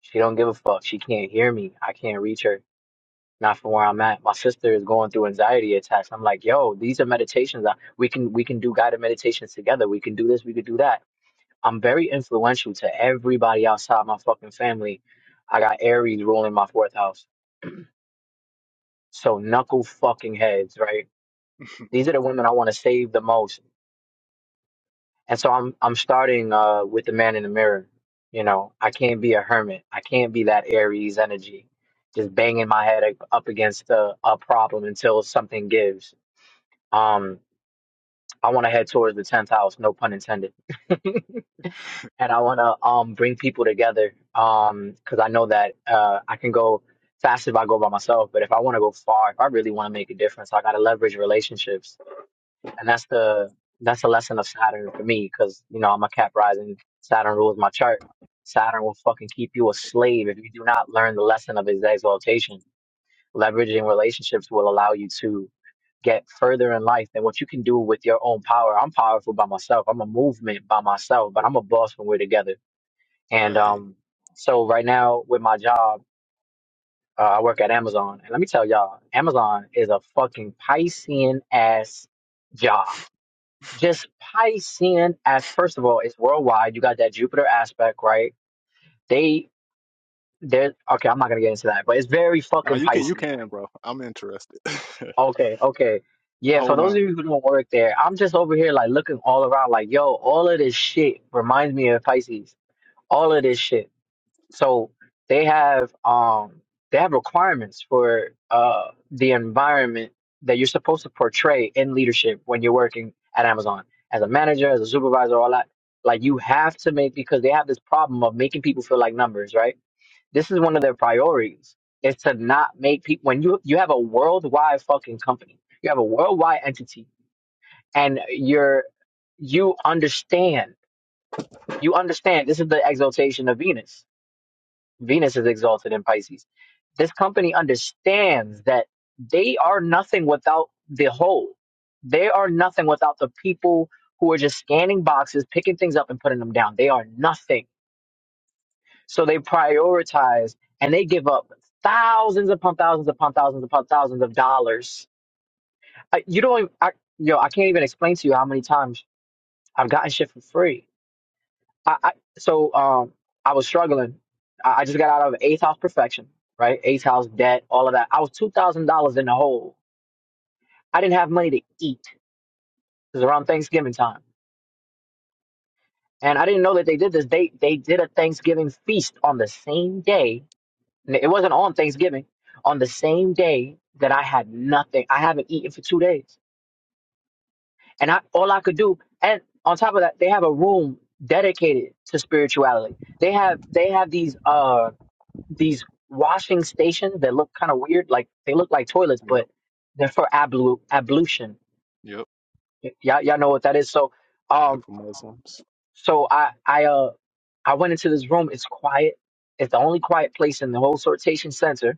She don't give a fuck. She can't hear me. I can't reach her. Not from where I'm at. My sister is going through anxiety attacks. I'm like, yo, these are meditations. I- We can we can do guided meditations together. We can do this. We could do that. I'm very influential to everybody outside my fucking family. I got Aries ruling my fourth house. So knuckle fucking heads, right? These are the women I want to save the most. And so I'm I'm starting uh with the man in the mirror. You know, I can't be a hermit. I can't be that Aries energy, just banging my head up up against a, a problem until something gives. Um, I want to head towards the tenth house, no pun intended. and I want to um bring people together um because I know that uh I can go fast if I go by myself, but if I want to go far, if I really want to make a difference, I got to leverage relationships and that's the that's the lesson of Saturn for me because you know I'm a Cap rising. Saturn rules my chart. Saturn will fucking keep you a slave if you do not learn the lesson of his exaltation. Leveraging relationships will allow you to get further in life than what you can do with your own power. I'm powerful by myself. I'm a movement by myself, but I'm a boss when we're together. And Hey, um, so right now with my job, uh, I work at Amazon, and let me tell y'all, Amazon is a fucking Piscean ass job just Piscean as first of all, it's worldwide. You got that Jupiter aspect, right? They they're okay, I'm not gonna get into that, but it's very no, fucking you can, you Piscean. can, bro. I'm interested. Okay, okay. Yeah, for Whole those of nine. you who don't work there, I'm just over here like looking all around like, yo, all of this shit reminds me of Pisces. All of this shit. So they have um they have requirements for uh the environment that you're supposed to portray in leadership when you're working at Amazon as a manager, as a supervisor, all that. Like you have to make because they have this problem of making people feel like numbers, right? This is one of their priorities is to not make people when you you have a worldwide fucking company, you have a worldwide entity, and you're you understand you understand this is the exaltation of Venus Venus is exalted in Pisces. This company understands that they are nothing without the whole. They are nothing without the people who are just scanning boxes, picking things up and putting them down. They are nothing. So they prioritize and they give up thousands upon thousands upon thousands upon thousands of dollars. I, you don't, even- I, yo, I can't even explain to you how many times I've gotten shit for free I, I so um I was struggling. I, I just got out of eighth house perfection, right? Eighth house debt, all of that. I was two thousand dollars in the hole. I didn't have money to eat. It was around Thanksgiving time, and I didn't know that they did this. They they did a Thanksgiving feast on the same day. N- It wasn't on Thanksgiving. On the same day that I had nothing, I haven't eaten for two days, and I all I could do. And on top of that, they have a room dedicated to spirituality. They have they have these uh. these washing stations that look kind of weird. Like they look like toilets, Yep, but they're for ablu- ablution. yep. Y- y'all, y'all know what that is. So, And um, for Muslims, so I, I, uh, I went into this room. It's quiet. It's the only quiet place in the whole sortation center.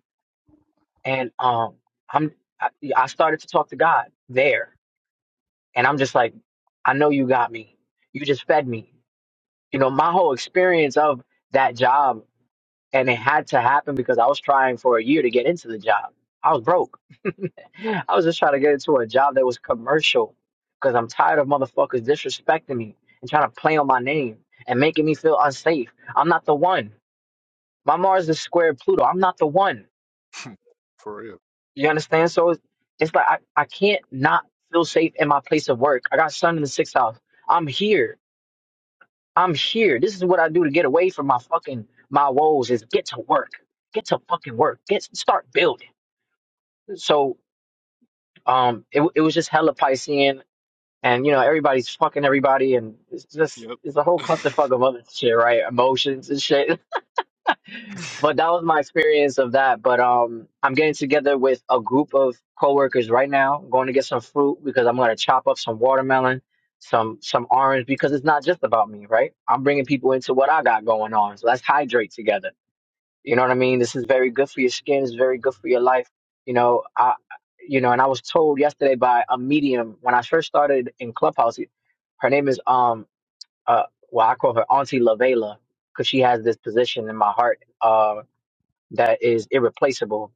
And, um, I'm, I, I started to talk to God there. And I'm just like, I know you got me. You just fed me. You know, my whole experience of that job and it had to happen because I was trying for a year to get into the job. I was broke I was just trying to get into a job that was commercial because I'm tired of motherfuckers disrespecting me and trying to play on my name and making me feel unsafe. I'm not the one. My Mars is square Pluto. I'm not the one. for real. You understand? So it's, it's like I, I can't not feel safe in my place of work. I got sun in the sixth house. I'm here. I'm here. This is what I do to get away from my fucking my woes is get to work. Get to fucking work. Get start building. So um it, w- it was just hella Piscean and you know everybody's fucking everybody, and it's just Yep. it's a whole clusterfuck of other shit, right? Emotions and shit. But that was my experience of that. But um, I'm getting together with a group of coworkers right now. I'm going to get some fruit because I'm gonna chop up some watermelon, some some orange because it's not just about me, right? I'm bringing people into what I got going on, so let's hydrate together you know what I mean? This is very good for your skin. It's very good for your life. You know, I, you know, and I was told yesterday by a medium when I first started in Clubhouse. Her name is um uh well I call her Auntie Lavela because she has this position in my heart uh that is irreplaceable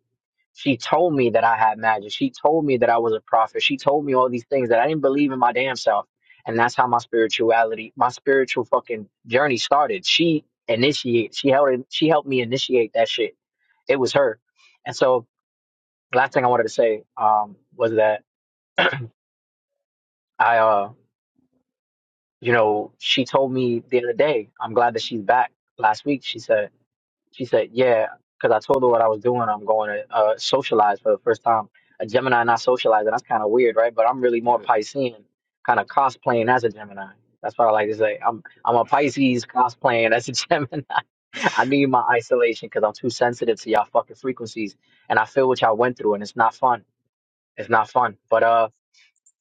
she told me that I had magic. She told me that I was a prophet. She told me all these things that I didn't believe in my damn self. And that's how my spirituality, my spiritual fucking journey started. She initiated. she helped. she helped me initiate that shit. It was her. And so last thing I wanted to say, um, was that I, uh, you know, she told me the other day, I'm glad that she's back last week. She said, She said, "Yeah," because I told her what I was doing. I'm going to uh, socialize for the first time. A Gemini not socializing. That's kind of weird, right? But I'm really more yeah. Piscean, kind of cosplaying as a Gemini. That's what I like to say. I'm I'm a Pisces cosplaying as a Gemini. I need my isolation because I'm too sensitive to y'all fucking frequencies, and I feel what y'all went through, and it's not fun. It's not fun. But uh,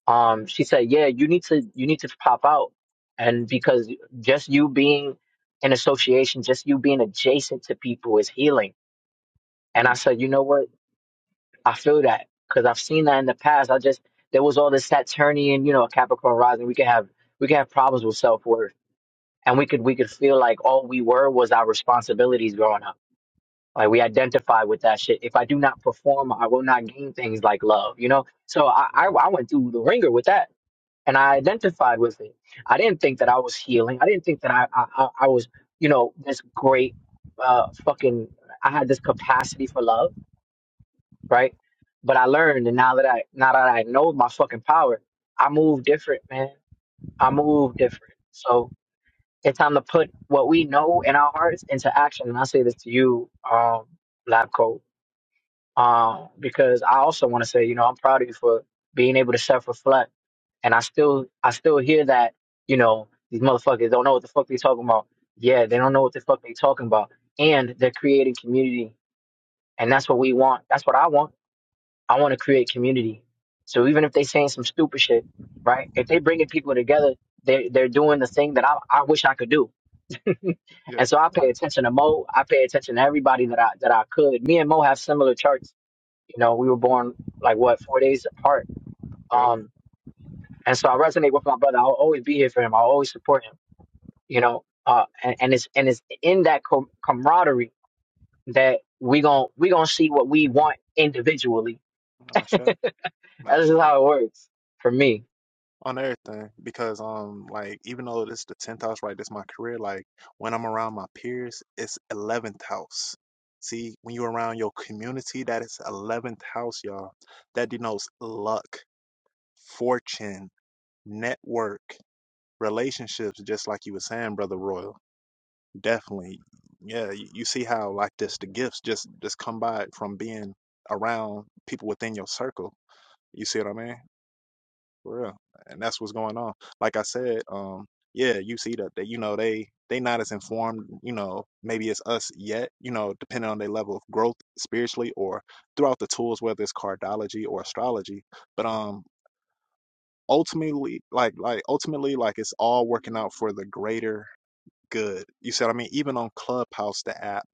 um, she said, "Yeah, you need to you need to pop out," and because just you being in association, just you being adjacent to people is healing and I Mm, said, you know what? I feel that because I've seen that in the past. I just there was all this Saturnian, you know, Capricorn rising. We could have we could have problems with self worth, and we could we could feel like all we were was our responsibilities growing up. Like we identify with that shit. If I do not perform, I will not gain things like love. You know, so I I, right. I went through the ringer with that, and I identified with it. I didn't think that I was healing. I didn't think that I I, I I was you know this great uh fucking. I had this capacity for love right? But I learned, and now that I now that I know my fucking power, I move different, man. I move different. So it's time to put what we know in our hearts into action. And I say this to you, um, Lab Coat, um, because I also want to say, you know, I'm proud of you for being able to self-reflect. And I still, I still hear that, you know, these motherfuckers don't know what the fuck they talking about. Yeah, they don't know what the fuck they talking about, and they're creating community, and that's what we want. That's what I want. I want to create community. So even if they saying some stupid shit, right? If they bringing people together, they they're doing the thing that I, I wish I could do. Yeah. and so I pay yeah, attention to Mo. I pay attention to everybody that I that I could. Me and Mo have similar charts. You know, we were born like what four days apart. Yep. Um, and so I resonate with my brother. I'll always be here for him. I'll always support him. You know, uh, and, and it's and it's in that com- camaraderie that we gon' we gonna see what we want individually. Not shy. Not That's shy. just how it works for me. On everything, because um, like even though this the tenth house, right? This my career. Like when I'm around my peers, it's eleventh house. See, when you're around your community, that is eleventh house, y'all. That denotes luck, fortune, network. relationships just like you were saying brother royal definitely yeah you, you see how like this the gifts just just come by from being around people within your circle you see what i mean for real and that's what's going on like i said um yeah you see that they you know they they not as informed you know maybe it's us yet you know depending on their level of growth spiritually or throughout the tools whether it's cardology or astrology but um ultimately like like ultimately like it's all working out for the greater good. You see what I mean? Even on Clubhouse, the app,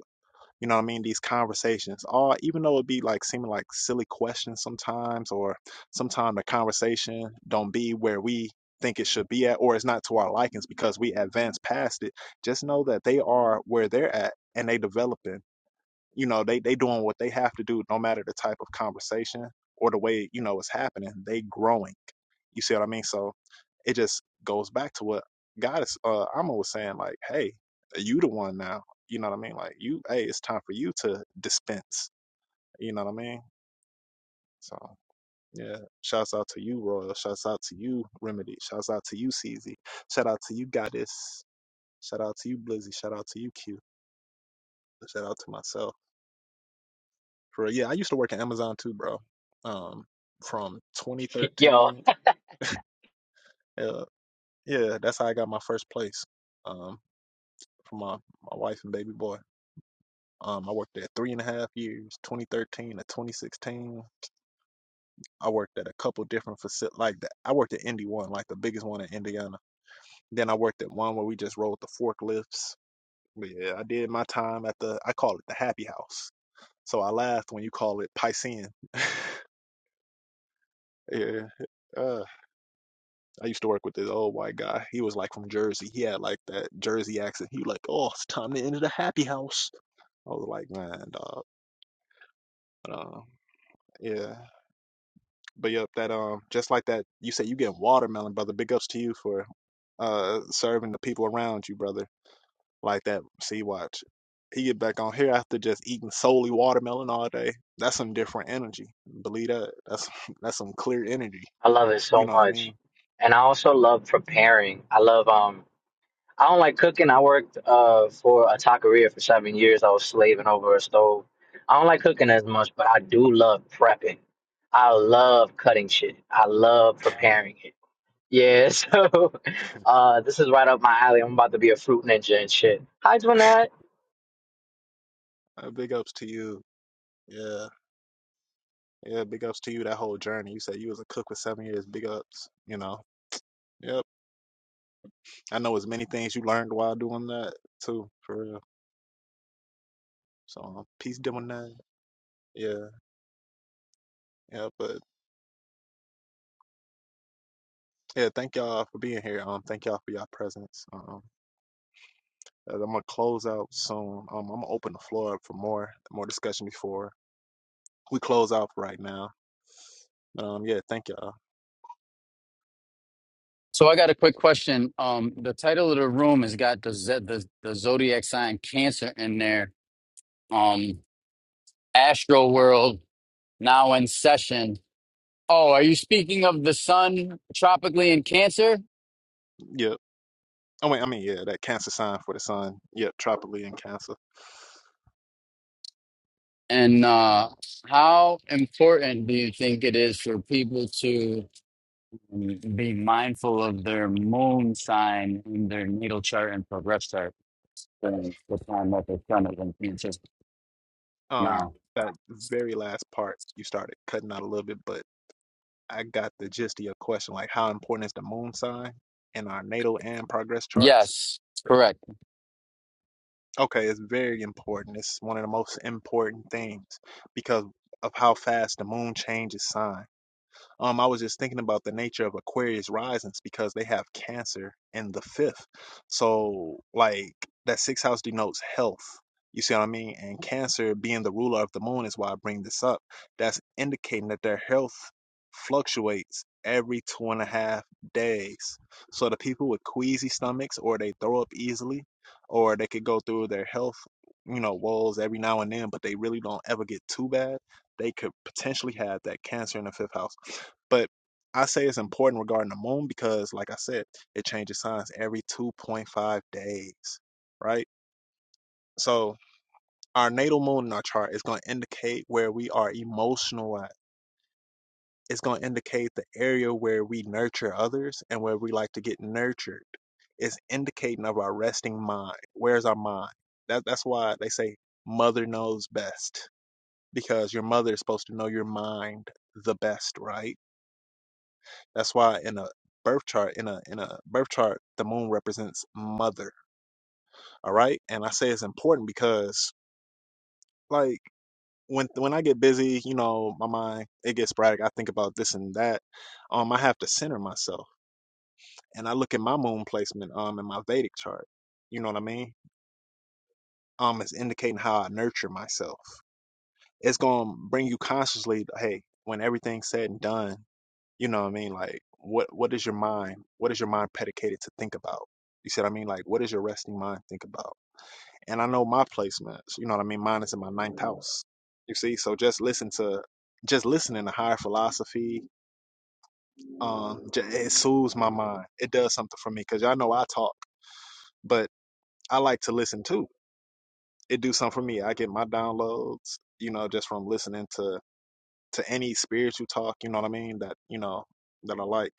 you know what I mean? These conversations, all even though it be like seeming like silly questions sometimes, or sometimes the conversation don't be where we think it should be at, or it's not to our likings because we advance past it. Just know that they are where they're at and they developing you know they they doing what they have to do no matter the type of conversation or the way you know it's happening they growing you see what i mean so it just goes back to what god is uh i'm saying like hey you the one now you know what i mean like you hey it's time for you to dispense you know what i mean so yeah shouts out to you royal shouts out to you remedy shouts out to you cz shout out to you goddess shout out to you blizzy shout out to you q shout out to myself For real. yeah, I used to work at Amazon too, bro. Um, from Yo, 2013. Uh, yeah, that's how I got my first place. Um, for my my wife and baby boy. Um, I worked there three and a half years, 2013 to 2016. I worked at a couple different facilities. Like the, I worked at Indy One, like the biggest one in Indiana. Then I worked at one where we just rolled the forklifts. But yeah, I did my time at the. I call it the Happy House. So I laughed when you call it Piscean. yeah. uh, I used to work with this old white guy. He was like from Jersey. He had like that Jersey accent. He was like, "Oh, it's time to enter the happy house." I was like, "Man, dog." But, um, yeah, but yep, that um, just like that. You say you get watermelon, brother. Big ups to you for uh serving the people around you, brother. Like that. See, watch. He get back on here after just eating solely watermelon all day. That's some different energy. Believe that. That's that's some clear energy. I love it You so know what I much. mean? And I also love preparing. I love um I don't like cooking. I worked uh for a taqueria for seven years. I was slaving over a stove. I don't like cooking as much, but I do love prepping. I love cutting shit. I love preparing it. Yeah, so uh this is right up my alley. I'm about to be a fruit ninja and shit. Hi Jeanette. Uh, big ups to you. Yeah. Yeah, big ups to you that whole journey. You said you was a cook for seven years. Big ups, you know. Yep. I know as many things you learned while doing that too, for real. So um, peace doing that. Yeah, yeah. But yeah, thank y'all for being here. Um, thank y'all for y'all presence. Um, uh, I'm gonna close out soon. Um, I'm gonna open the floor up for more more discussion before we close out for right now. um, yeah, thank y'all. So I got a quick question. Um, the title of the room has got the Z- the, the zodiac sign Cancer in there um astro world now in session oh are you speaking of the sun tropically in cancer Yep. Oh wait, I mean yeah, that Cancer sign for the sun. Yep, tropically in Cancer. and uh how important do you think it is for people to mm, be mindful of their moon sign in their natal chart and progress chart during the time that the sun is in cancer Um, now that very last part you started cutting out a little bit, but I got the gist of your question, like how important is the moon sign in our natal and progress charts? yes correct Okay, it's very important. It's one of the most important things because of how fast the moon changes sign. Um, I was just thinking about the nature of Aquarius risings because they have Cancer in the fifth. So, like, that sixth house denotes health. You see what I mean? And Cancer being the ruler of the moon is why I bring this up. That's indicating that their health fluctuates every two and a half days. So, the people with queasy stomachs or they throw up easily or they could go through their health, you know, woes every now and then, but they really don't ever get too bad. They could potentially have that cancer in the fifth house. But I say it's important regarding the moon because, like I said, it changes signs every 2.5 days, right? So our natal moon in our chart is going to indicate where we are emotional at. It's going to indicate the area where we nurture others and where we like to get nurtured. It's indicating of our resting mind. Where's our mind? That, that's why they say mother knows best because your mother is supposed to know your mind the best, right? That's why in a birth chart, in a in a birth chart, the moon represents mother. All right, and I say it's important because like when when I get busy, you know, my mind it gets sporadic. I think about this and that. Um, I have to center myself, and I look at my moon placement, um, in my Vedic chart. You know what I mean? Um, it's indicating how I nurture myself. It's gonna bring you consciously, hey, when everything's said and done. You know what I mean? Like what what is your mind? What is your mind predicated to think about? You see what I mean? Like what does your resting mind think about? And I know my placements, you know what I mean? Mine is in my ninth house. You see? So just listen to just listening to higher philosophy, um, j- it soothes my mind. It does something for me because y'all know I talk, but I like to listen too. It do something for me. I get my downloads, you know, just from listening to to any spiritual talk. You know what I mean? That you know that I like.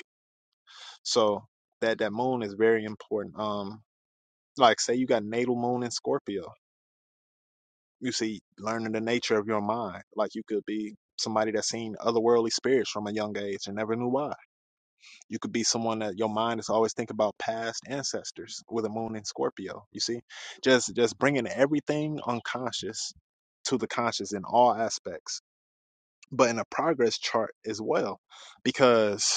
So that that moon is very important. Um, like say you got natal moon in Scorpio, you see learning the nature of your mind. Like you could be somebody that's seen otherworldly spirits from a young age and never knew why. You could be someone that your mind is always thinking about past ancestors with a moon in Scorpio. You see, just just bringing everything unconscious to the conscious in all aspects, but in a progress chart as well, because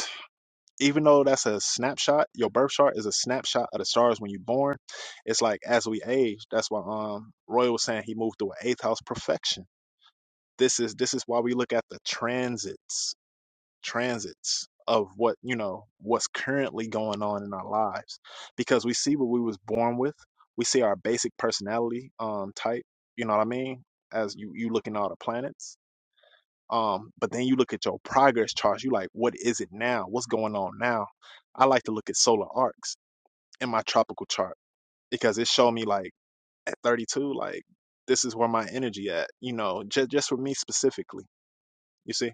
even though that's a snapshot, your birth chart is a snapshot of the stars when you're born. It's like as we age, that's why um Roy was saying he moved to an eighth house perfection. This is this is why we look at the transits, transits of what you know what's currently going on in our lives, because we see what we was born with. We see our basic personality um type. You know what I mean? As you you look in all the planets, um, but then you look at your progress charts, you like, what is it now? What's going on now? I like to look at solar arcs in my tropical chart because it showed me like at 32, like this is where my energy at, you know, just just for me specifically. You see?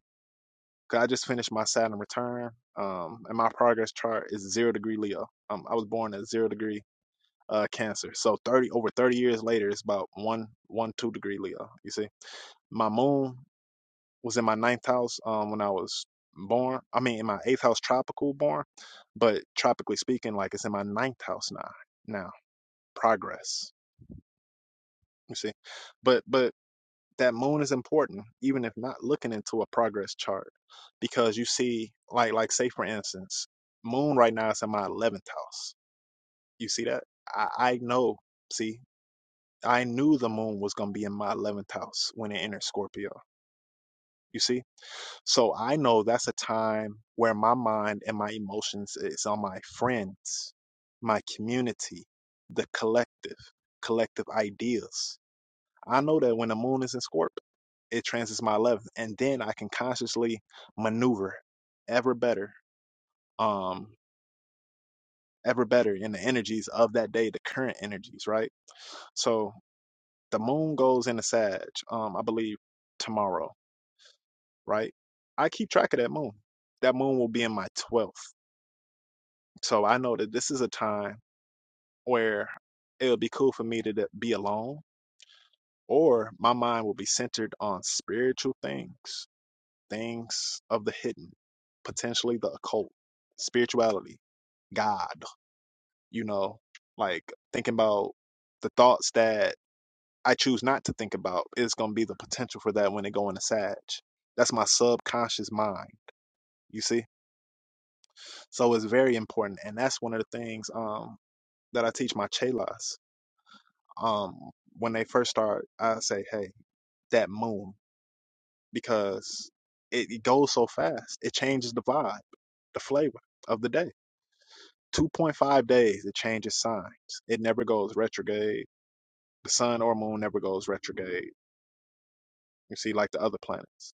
'Cause I just finished my Saturn return. Um, and my progress chart is zero degree Leo. Um, I was born at zero degree uh cancer. So thirty over thirty years later it's about one one two degree Leo, you see. My moon was in my ninth house um when I was born. I mean in my eighth house tropical born, but tropically speaking, like it's in my ninth house now now. Progress. You see? But but that moon is important, even if not looking into a progress chart. Because you see, like like say for instance, moon right now is in my eleventh house. You see that? I, I know, see, I knew the moon was gonna be in my eleventh house when it entered Scorpio. You see? So I know that's a time where my mind and my emotions is on my friends, my community, the collective, collective ideas. I know that when the moon is in Scorp, it transits my 11th, and then I can consciously maneuver ever better, um, ever better in the energies of that day, the current energies, right? So the moon goes into Sag, um, I believe tomorrow, right? I keep track of that moon. That moon will be in my 12th So I know that this is a time where it would be cool for me to d- be alone, or my mind will be centered on spiritual things, things of the hidden, potentially the occult, spirituality, God, you know, like thinking about the thoughts that I choose not to think about is going to be the potential for that when it go into Sag. That's my subconscious mind, you see? So it's very important. And that's one of the things um, that I teach my chelas um when they first start i say hey that moon because it, it goes so fast it changes the vibe the flavor of the day 2.5 days it changes signs it never goes retrograde the sun or moon never goes retrograde you see like the other planets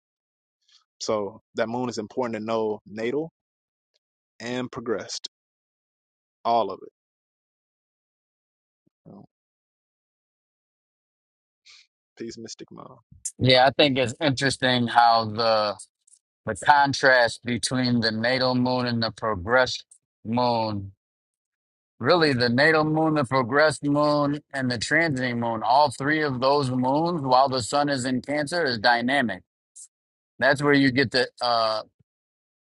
so that moon is important to know natal and progressed all of it you know. peace mystic mom yeah i think it's interesting how the the contrast between the natal moon and the progressed moon Really, the natal moon, the progressed moon, and the transiting moon, all three of those moons, while the sun is in Cancer, is dynamic. That's where you get the, uh,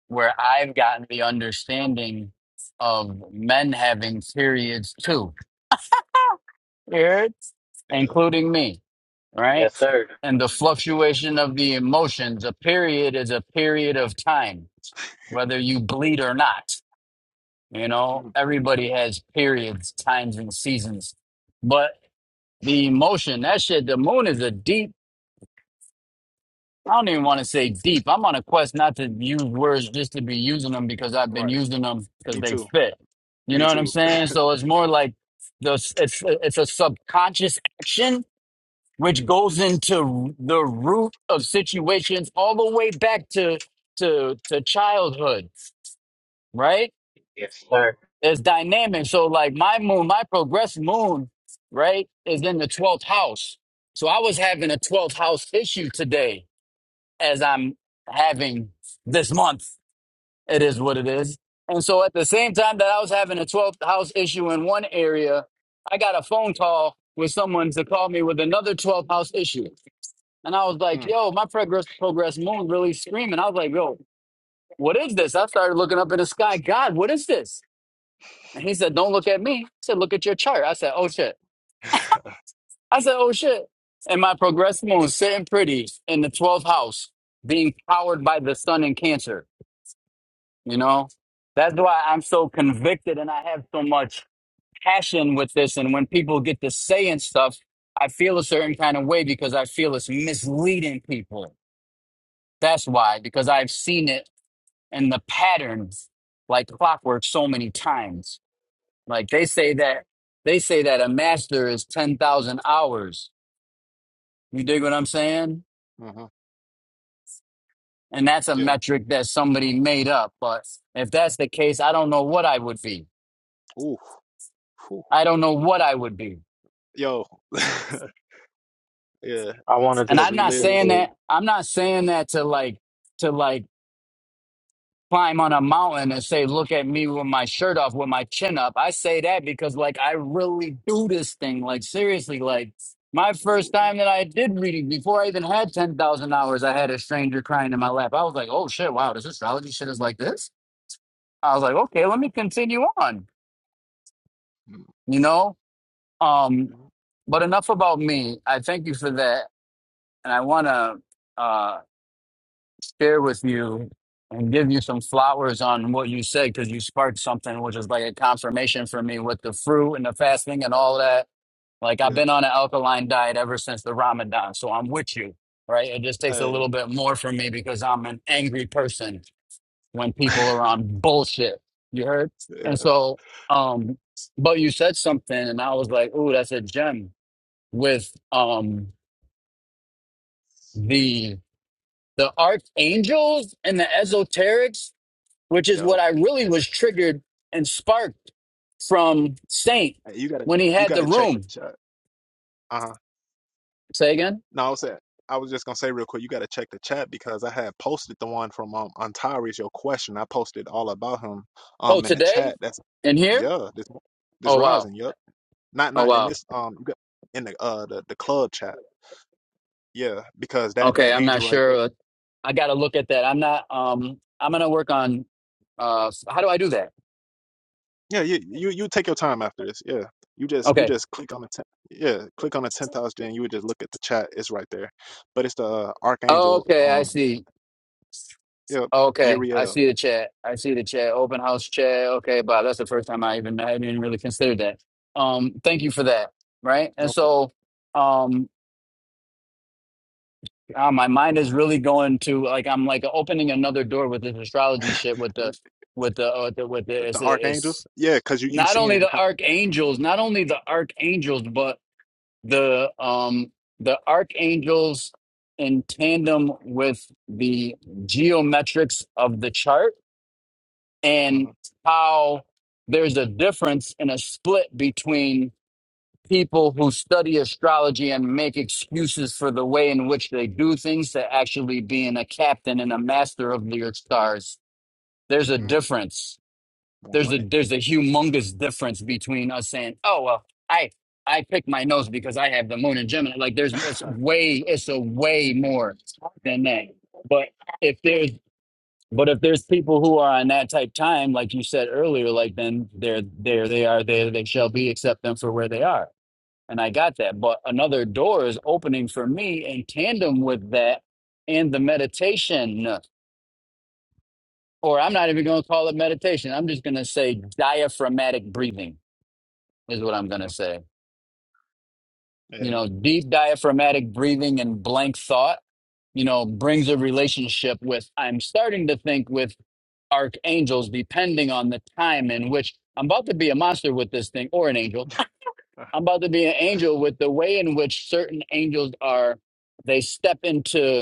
where I've gotten the understanding of men having periods too. Periods? yeah Including me, right? Yes, sir. And the yeah fluctuation of the emotions. A period is a period of time, whether you bleed or not. You know, Mm. everybody has periods, times, and seasons. But The emotion, that shit, the moon is a deep, I don't even want to say deep. I'm on a quest not to use words just to be using them because I've been right using them because me they too fit. You me know what I'm too saying? So it's more like the it's it's a subconscious action which goes into the root of situations all the way back to to to childhood, right? Yes, sir. There's dynamic. So like my moon, my progressed moon, right, is in the 12th house. So I was having a 12th house issue today as I'm having this month. It is what it is. And so at the same time that I was having a 12th house issue in one area, I got a phone call with someone to call me with another 12th house issue. And I was like, mm. yo, my progress progress moon really screaming. I was like, yo, what is this? I started looking up in the sky. God, what is this? And he said, Don't look at me. He said, Look at your chart. I said, Oh shit. I said, Oh shit. And my progressed moon sitting pretty in the 12th house, being powered by the sun in Cancer. You know, that's why I'm so convicted and I have so much passion with this. And when people get to saying stuff, I feel a certain kind of way because I feel it's misleading people. That's why, because I've seen it in the patterns like clockwork so many times. Like they say that they say that a master is 10,000 hours. You dig what I'm saying? hmm And that's a yeah metric that somebody made up. But if that's the case, I don't know what I would be. ooh Whew. I don't know what I would be. Yo, yeah, I wanted to And because I'm we not speak live this. saying into. that I'm not saying that to like to like. climb on a mountain and say, look at me with my shirt off, with my chin up. I say that because like I really do this thing. Like seriously, like my mm, first time that I did reading, before I even had 10,000 hours, I had a stranger crying in my lap. I was like, oh shit, wow, this astrology shit is like this. I was like, okay, let me continue on, mm, you know? Um, mm, but enough about me. I thank you for that. And I want to, uh, share with you and give you some flowers on what you said because you sparked something which is like a confirmation for me with the fruit and the fasting and all that. Like I've Yeah. been on an alkaline diet ever since the Ramadan, so I'm with you, right? It just takes a Hey. little bit more for me because I'm an angry person when people are on bullshit. You heard? yeah. And so, um, but you said something, and I was like, "Ooh, that's a gem." With um the the archangels and the esoterics which is Yo, what I really was triggered and sparked from Saint hey, you gotta when he you had the gotta check the room. chat. Uh huh. Say again. No, I was at, I was just gonna say real quick, you gotta check the chat because I had posted the one from um Antares, your question. I posted all about him Oh, um in the today chat. That's in here. yeah, this this Oh wow. rising. Yep. Not Oh not in wow. this um you got in the uh the, the club chat. Yeah, because that Okay, that I'm not angel right there. sure. I got to look at that. I'm not. Um, I'm gonna work on. Uh, how do I do that? Yeah, you you you take your time after this. Yeah, you just you Okay. just click on the ten, yeah click on the tenth house. Then you would just look at the chat. It's right there, but it's the uh, archangel. Okay, I Um, see. yep, Okay, I Uriel. see the chat. I see the chat. Open house chat. Okay, Bob, that's the first time I even I hadn't even really considered that. Um, thank you for that. Right, and No problem. so, um, God, my mind is really going to like I'm like opening another door with this astrology shit with the with the uh, the- with the the it's, it's archangels. Yeah, cause you you not only seeing the how archangels, not only the archangels, but the um the archangels in tandem with the geometrics of the chart and mm-hmm, how there's a difference and a split between people who study astrology and make excuses for the way in which they do things to actually being a captain and a master of your stars. There's a mm, difference. one There's a hundred. there's a humongous difference between us saying, "Oh well, I I pick my nose because I have the moon in Gemini." Like there's it's way it's a way more than that. But if there's but if there's people who are on that type time, like you said earlier, like then they're there they are there they shall be, accept them for where they are and I got that. But another door is opening for me in tandem with that and the meditation, or I'm not even going to call it meditation. I'm just going to say diaphragmatic breathing is what I'm going to say. You yeah, know, deep diaphragmatic breathing and blank thought, you know, brings a relationship with, I'm starting to think with archangels depending on the time in which I'm about to be a monster with this thing or an angel. I'm about to be an angel with the way in which certain angels are they step into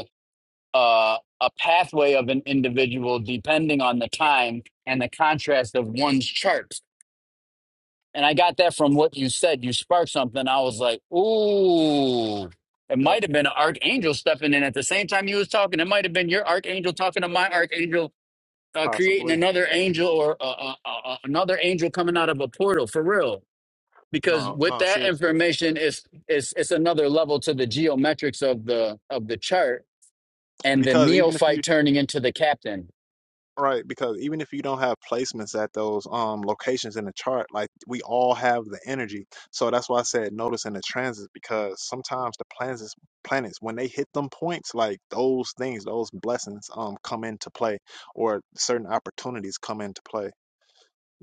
uh, a pathway of an individual depending on the time and the contrast of one's charts. And I got that from what you said. You sparked something. I was like, ooh, it yep, might have been an archangel stepping in at the same time you was talking. It might have been your archangel talking to my archangel, uh, creating possibly. another angel or uh, uh, uh, uh, another angel coming out of a portal for real. Because No, with no, that seriously, information, it's, it's it's another level to the geometrics of the of the chart and the because even if you neophyte turning into the captain Right, because even if you don't have placements at those um locations in the chart, like we all have the energy. So that's why I said notice in the transits because sometimes the planets planets when they hit them points, like those things, those blessings um come into play or certain opportunities come into play.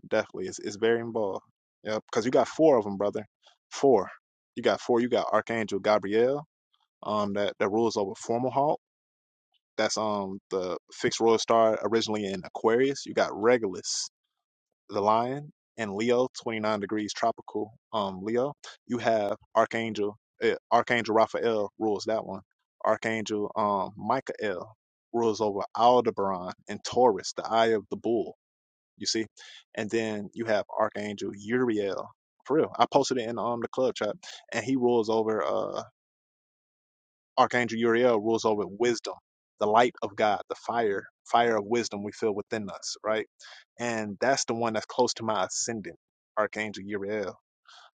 Definitely. It's it's very involved. Yeah, because you got four of them, brother. Four. You got four. You got Archangel Gabriel, um that that rules over Formalhaut. That's um the fixed royal star originally in Aquarius. You got Regulus, the lion, and Leo, 29 degrees tropical. Um, Leo. You have Archangel. eh, Archangel Raphael rules that one. Archangel um Michael rules over Aldebaran and Taurus, the eye of the bull. You see, and then you have Archangel Uriel. For real, I posted it in um the club chat, and he rules over. uh. Archangel Uriel rules over wisdom, the light of God, the fire, fire of wisdom we feel within us, right? And that's the one that's close to my ascendant, Archangel Uriel.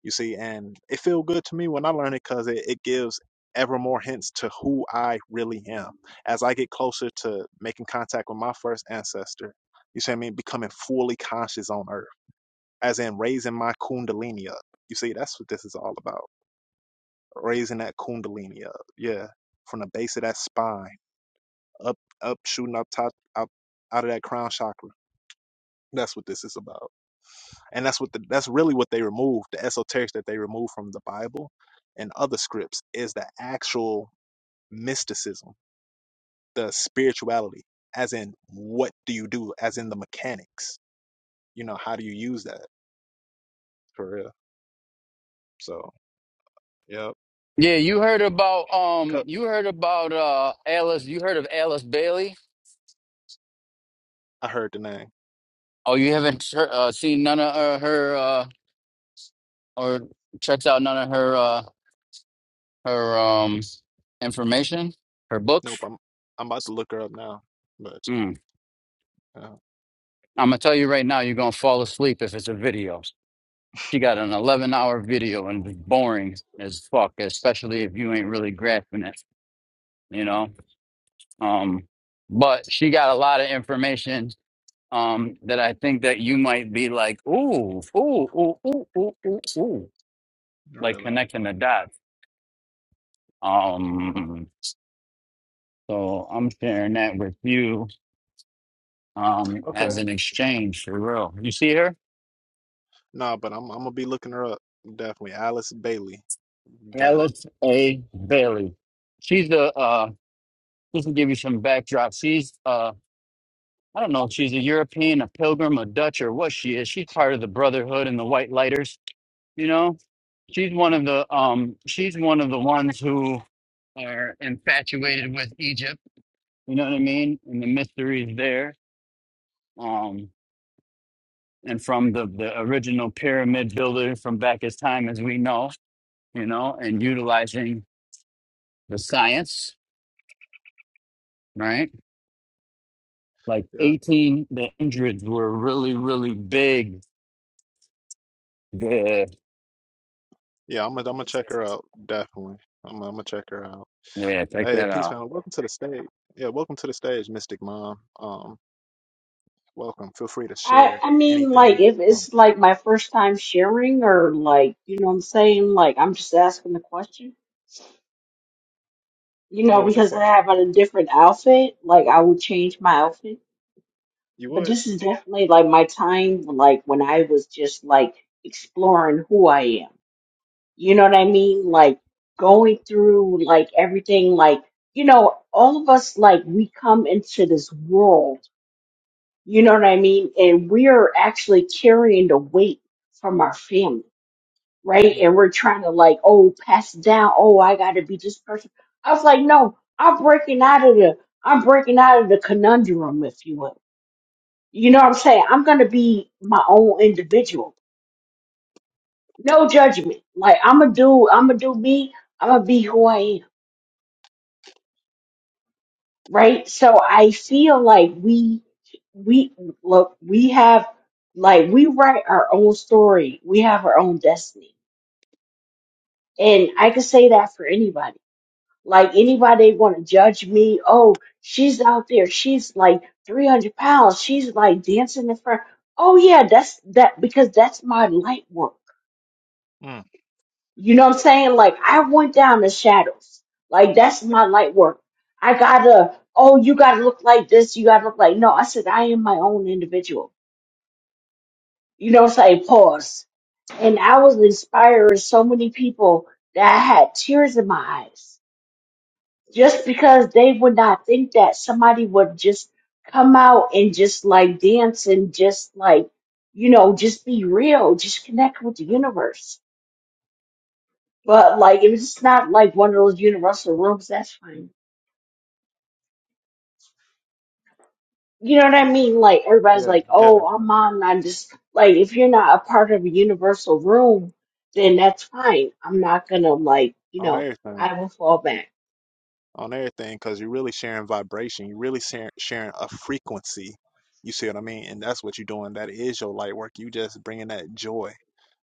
You see, and it feel good to me when I learn it because it, it gives ever more hints to who I really am. As I get closer to making contact with my first ancestor, you see what I mean? Becoming fully conscious on earth, as in raising my kundalini up. You see, that's what this is all about. Raising that kundalini up. Yeah. From the base of that spine up up shooting up top up out of that crown chakra. That's what this is about, and that's what the, that's really what they removed. The esoterics that they removed from the Bible and other scripts is the actual mysticism, the spirituality, as in what do you do, as in the mechanics. You know, how do you use that for real? So, yep. Yeah, you heard about um, Cup. you heard about uh, Alice. You heard of Alice Bailey? I heard the name. Oh, you haven't heard, uh, seen none of uh, her uh, or checked out none of her uh, her um information, her books. Nope, I'm I'm about to look her up now, but Mm. uh, I'm gonna tell you right now, you're gonna fall asleep if it's a video. She got an 11 hour video and it's boring as fuck, especially if you ain't really grasping it, you mm, know. Um, but she got a lot of information um, that I think that you might be like, ooh, ooh, ooh, ooh, ooh, ooh, ooh, like really, connecting the dots. Um, so I'm sharing that with you um, as okay, an exchange for real. You see her, no, but I'm I'm gonna be looking her up. Definitely, Alice Bailey. Got it. Alice A. Bailey. She's a uh, just to give you some backdrop. She's uh, I don't know if she's a European, a pilgrim, a Dutch, or what she is. She's part of the Brotherhood and the White Lighters You know, she's one Mm, of the um she's one of the ones who are infatuated with Egypt. You know what I mean? And the mysteries there. Um, and from the, the original pyramid builder from back as time as we know, you know, and utilizing the science, right? Like Yeah. 18, the hundreds were really, really big there. Yeah, I'm gonna I'm gonna check her out, definitely. I'm gonna I'm gonna check her out. Yeah, check Hey, that peace out. family, welcome to the stage. Yeah, welcome to the stage, Mystic Mom. Um, welcome. Feel free to I share I mean, like, anything. if Um, it's like my first time sharing, or like, you know what I'm saying? Like, I'm just asking the question, you know, what was your because I question? have on a different outfit, like, I would change my outfit. You But would? this is definitely like my time, like, when I was just like exploring who I am. You know what I mean? Like, going through like everything, like, you know, all of us, like, we come into this world, you know what I mean? And we are actually carrying the weight from our family. right? Mm, And we're trying to like, oh, pass it down. Oh, I gotta be this person. I was like, no, I'm breaking out of the, I'm breaking out of the conundrum, if you will. You know what I'm saying? I'm gonna be my own individual. No judgment. Like I'm gonna do, I'm gonna do me. I'm gonna be who I am, right? So I feel like we, we look, we have like we write our own story. We have our own destiny, and I could say that for anybody Like anybody want to judge me? Oh, she's out there. She's like 300 pounds. She's like dancing in front. Oh yeah, that's that because that's my light work. mm. You know what I'm saying? Like I went down the shadows. Like that's my light work. I gotta, oh, you gotta look like this. You gotta look like, no, I said, I am my own individual. You know what I'm saying? Pause. And I was inspiring so many people that I had tears in my eyes just because they would not think that somebody would just come out and just like dance and just like you know just be Yeah, real just connect with the yeah, universe but like if it's not like one of those universal rooms that's fine you know what i that's right. mean like everybody's yeah, like yeah, oh i'm on i'm just like if you're not a part of a universal room then that's fine i'm not gonna like you on know everything. i will fall back On everything, because you're really sharing vibration. You're really sharing, sharing a frequency. You see what I mean? And that's what you're doing. That is your light work. You just bringing that joy.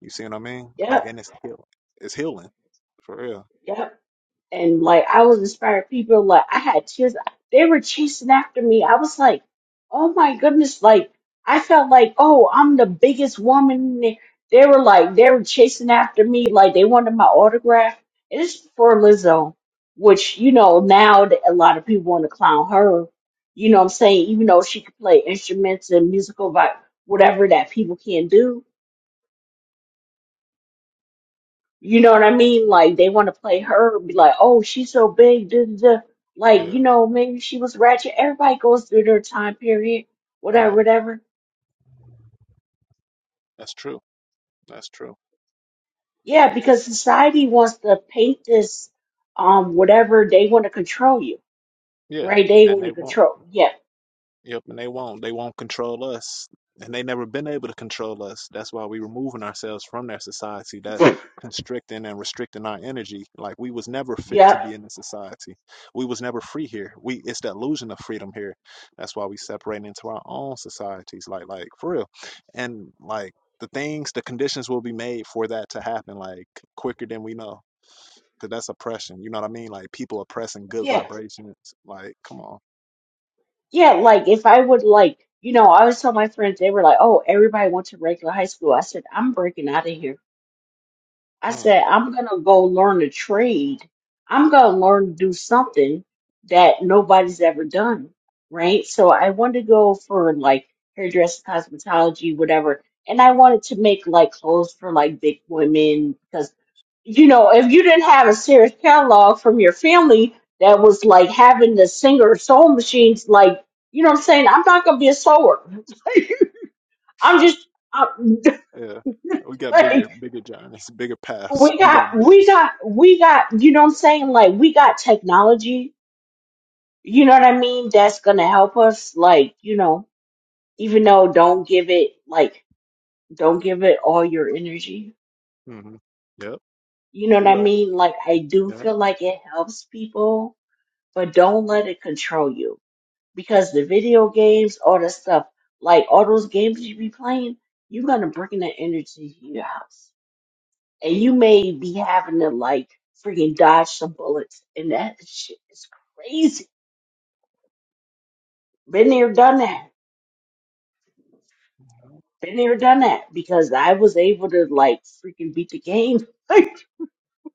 You see what I mean? Like, yep and it's healing. It's healing For real. yep and like I was inspiring people. Like I had tears. They were chasing after me. I was like, oh my goodness! Like I felt like, oh, I'm the biggest woman. They they were like, they were chasing after me. Like they wanted my autograph. And it's for Lizzo, which you know now that a lot of people want to clown her. You know what I'm saying? Even though she could play instruments and musical, vi- whatever that people can't do You know what I mean? Like they want to play her, be like, "Oh, she's so big." Duh, duh, duh. Like Yeah. you know, maybe she was ratchet. Everybody goes through their time period, whatever, Yep. whatever. That's true. That's true. Yeah, because society wants to paint this, um, whatever they want to control you, Yeah. right? They And want to they won't. control. Yeah, Yep. And they won't. They won't control us. And they never been able to control us. That's why we removing ourselves from their society. That constricting and restricting our energy. Like we was never fit yeah, to be in the society. We was never free here. We it's the illusion of freedom here. That's why we separate into our own societies. Like like for real. And like the things, the conditions will be made for that to happen like quicker than we know. because that's oppression. You know what I mean? Like people oppressing good yeah, vibrations. Like, come on. yeah. Like if I would like, you know, I always tell my friends they were like, "Oh, everybody went to regular high school." I said, "I'm breaking out of here." I Mm, said, I'm gonna go learn a trade. I'm gonna learn to do something that nobody's ever done, right? So I wanted to go for like hairdressing, cosmetology, whatever. And I wanted to make like clothes for like big women because, you know, if you didn't have a serious catalog from your family that was like having the singer sewing machines, like, you know what I'm saying? I'm not gonna be a sewer. I'm just, I'm, yeah. We got bigger, bigger journeys, bigger paths. we We got got we gifts. got we got you know what i'm saying like we got technology you know what i mean that's gonna help us like you know even though don't give it like don't give it all your energy hmm Yep. you know what You're i right. mean like i do Yeah. feel like it helps people but don't let it control you because the video games all the stuff like all those games you be playing you're gonna bring that energy to your house and you may be having to like freaking dodge some bullets, and that shit is crazy. Been there, done that. Been there, done that. Because I was able to like freaking beat the game. Like,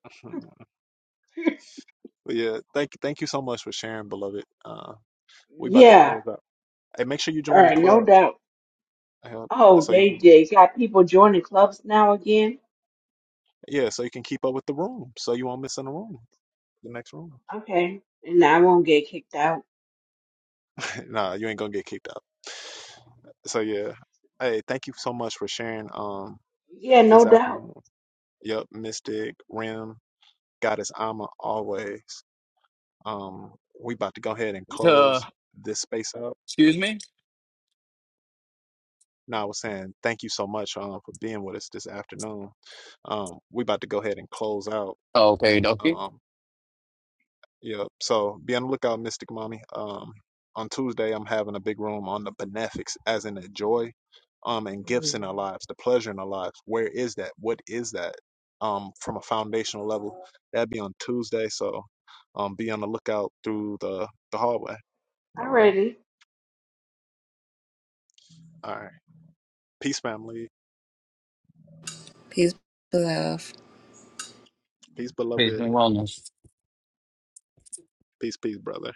But yeah, thank thank you so much for sharing, beloved. Uh, we about to yeah, close up. Hey, make sure you all join the right, no club. doubt. uh, Oh, so you they can they got people joining clubs now again. yeah, so you can keep up with the room. So you won't miss in the room, the next room. Okay, and I won't get kicked out. nah, you ain't gonna get kicked out. So yeah. Hey, thank you so much for sharing um Yeah, no this doubt. afternoon. Yep, Mystic Rim, Goddess Alma always. Um, we about to go ahead and Uh, close this space up. excuse me? Now I was saying thank you so much um for being with us this afternoon. Um, we about to go ahead and close out. Oh, okay, dokie. Um. Yeah. So be on the lookout, Mystic Mommy. Um, on Tuesday, I'm having a big room on the benefics, as in the joy, um, and gifts Mm. in our lives, the pleasure in our lives. Where is that? What is that? Um, from a foundational level, that'd be on Tuesday. So, um, be on the lookout through the the hallway. All right. Alrighty. All right. Peace, family. Peace, Peace beloved. and wellness. Peace, peace, brother.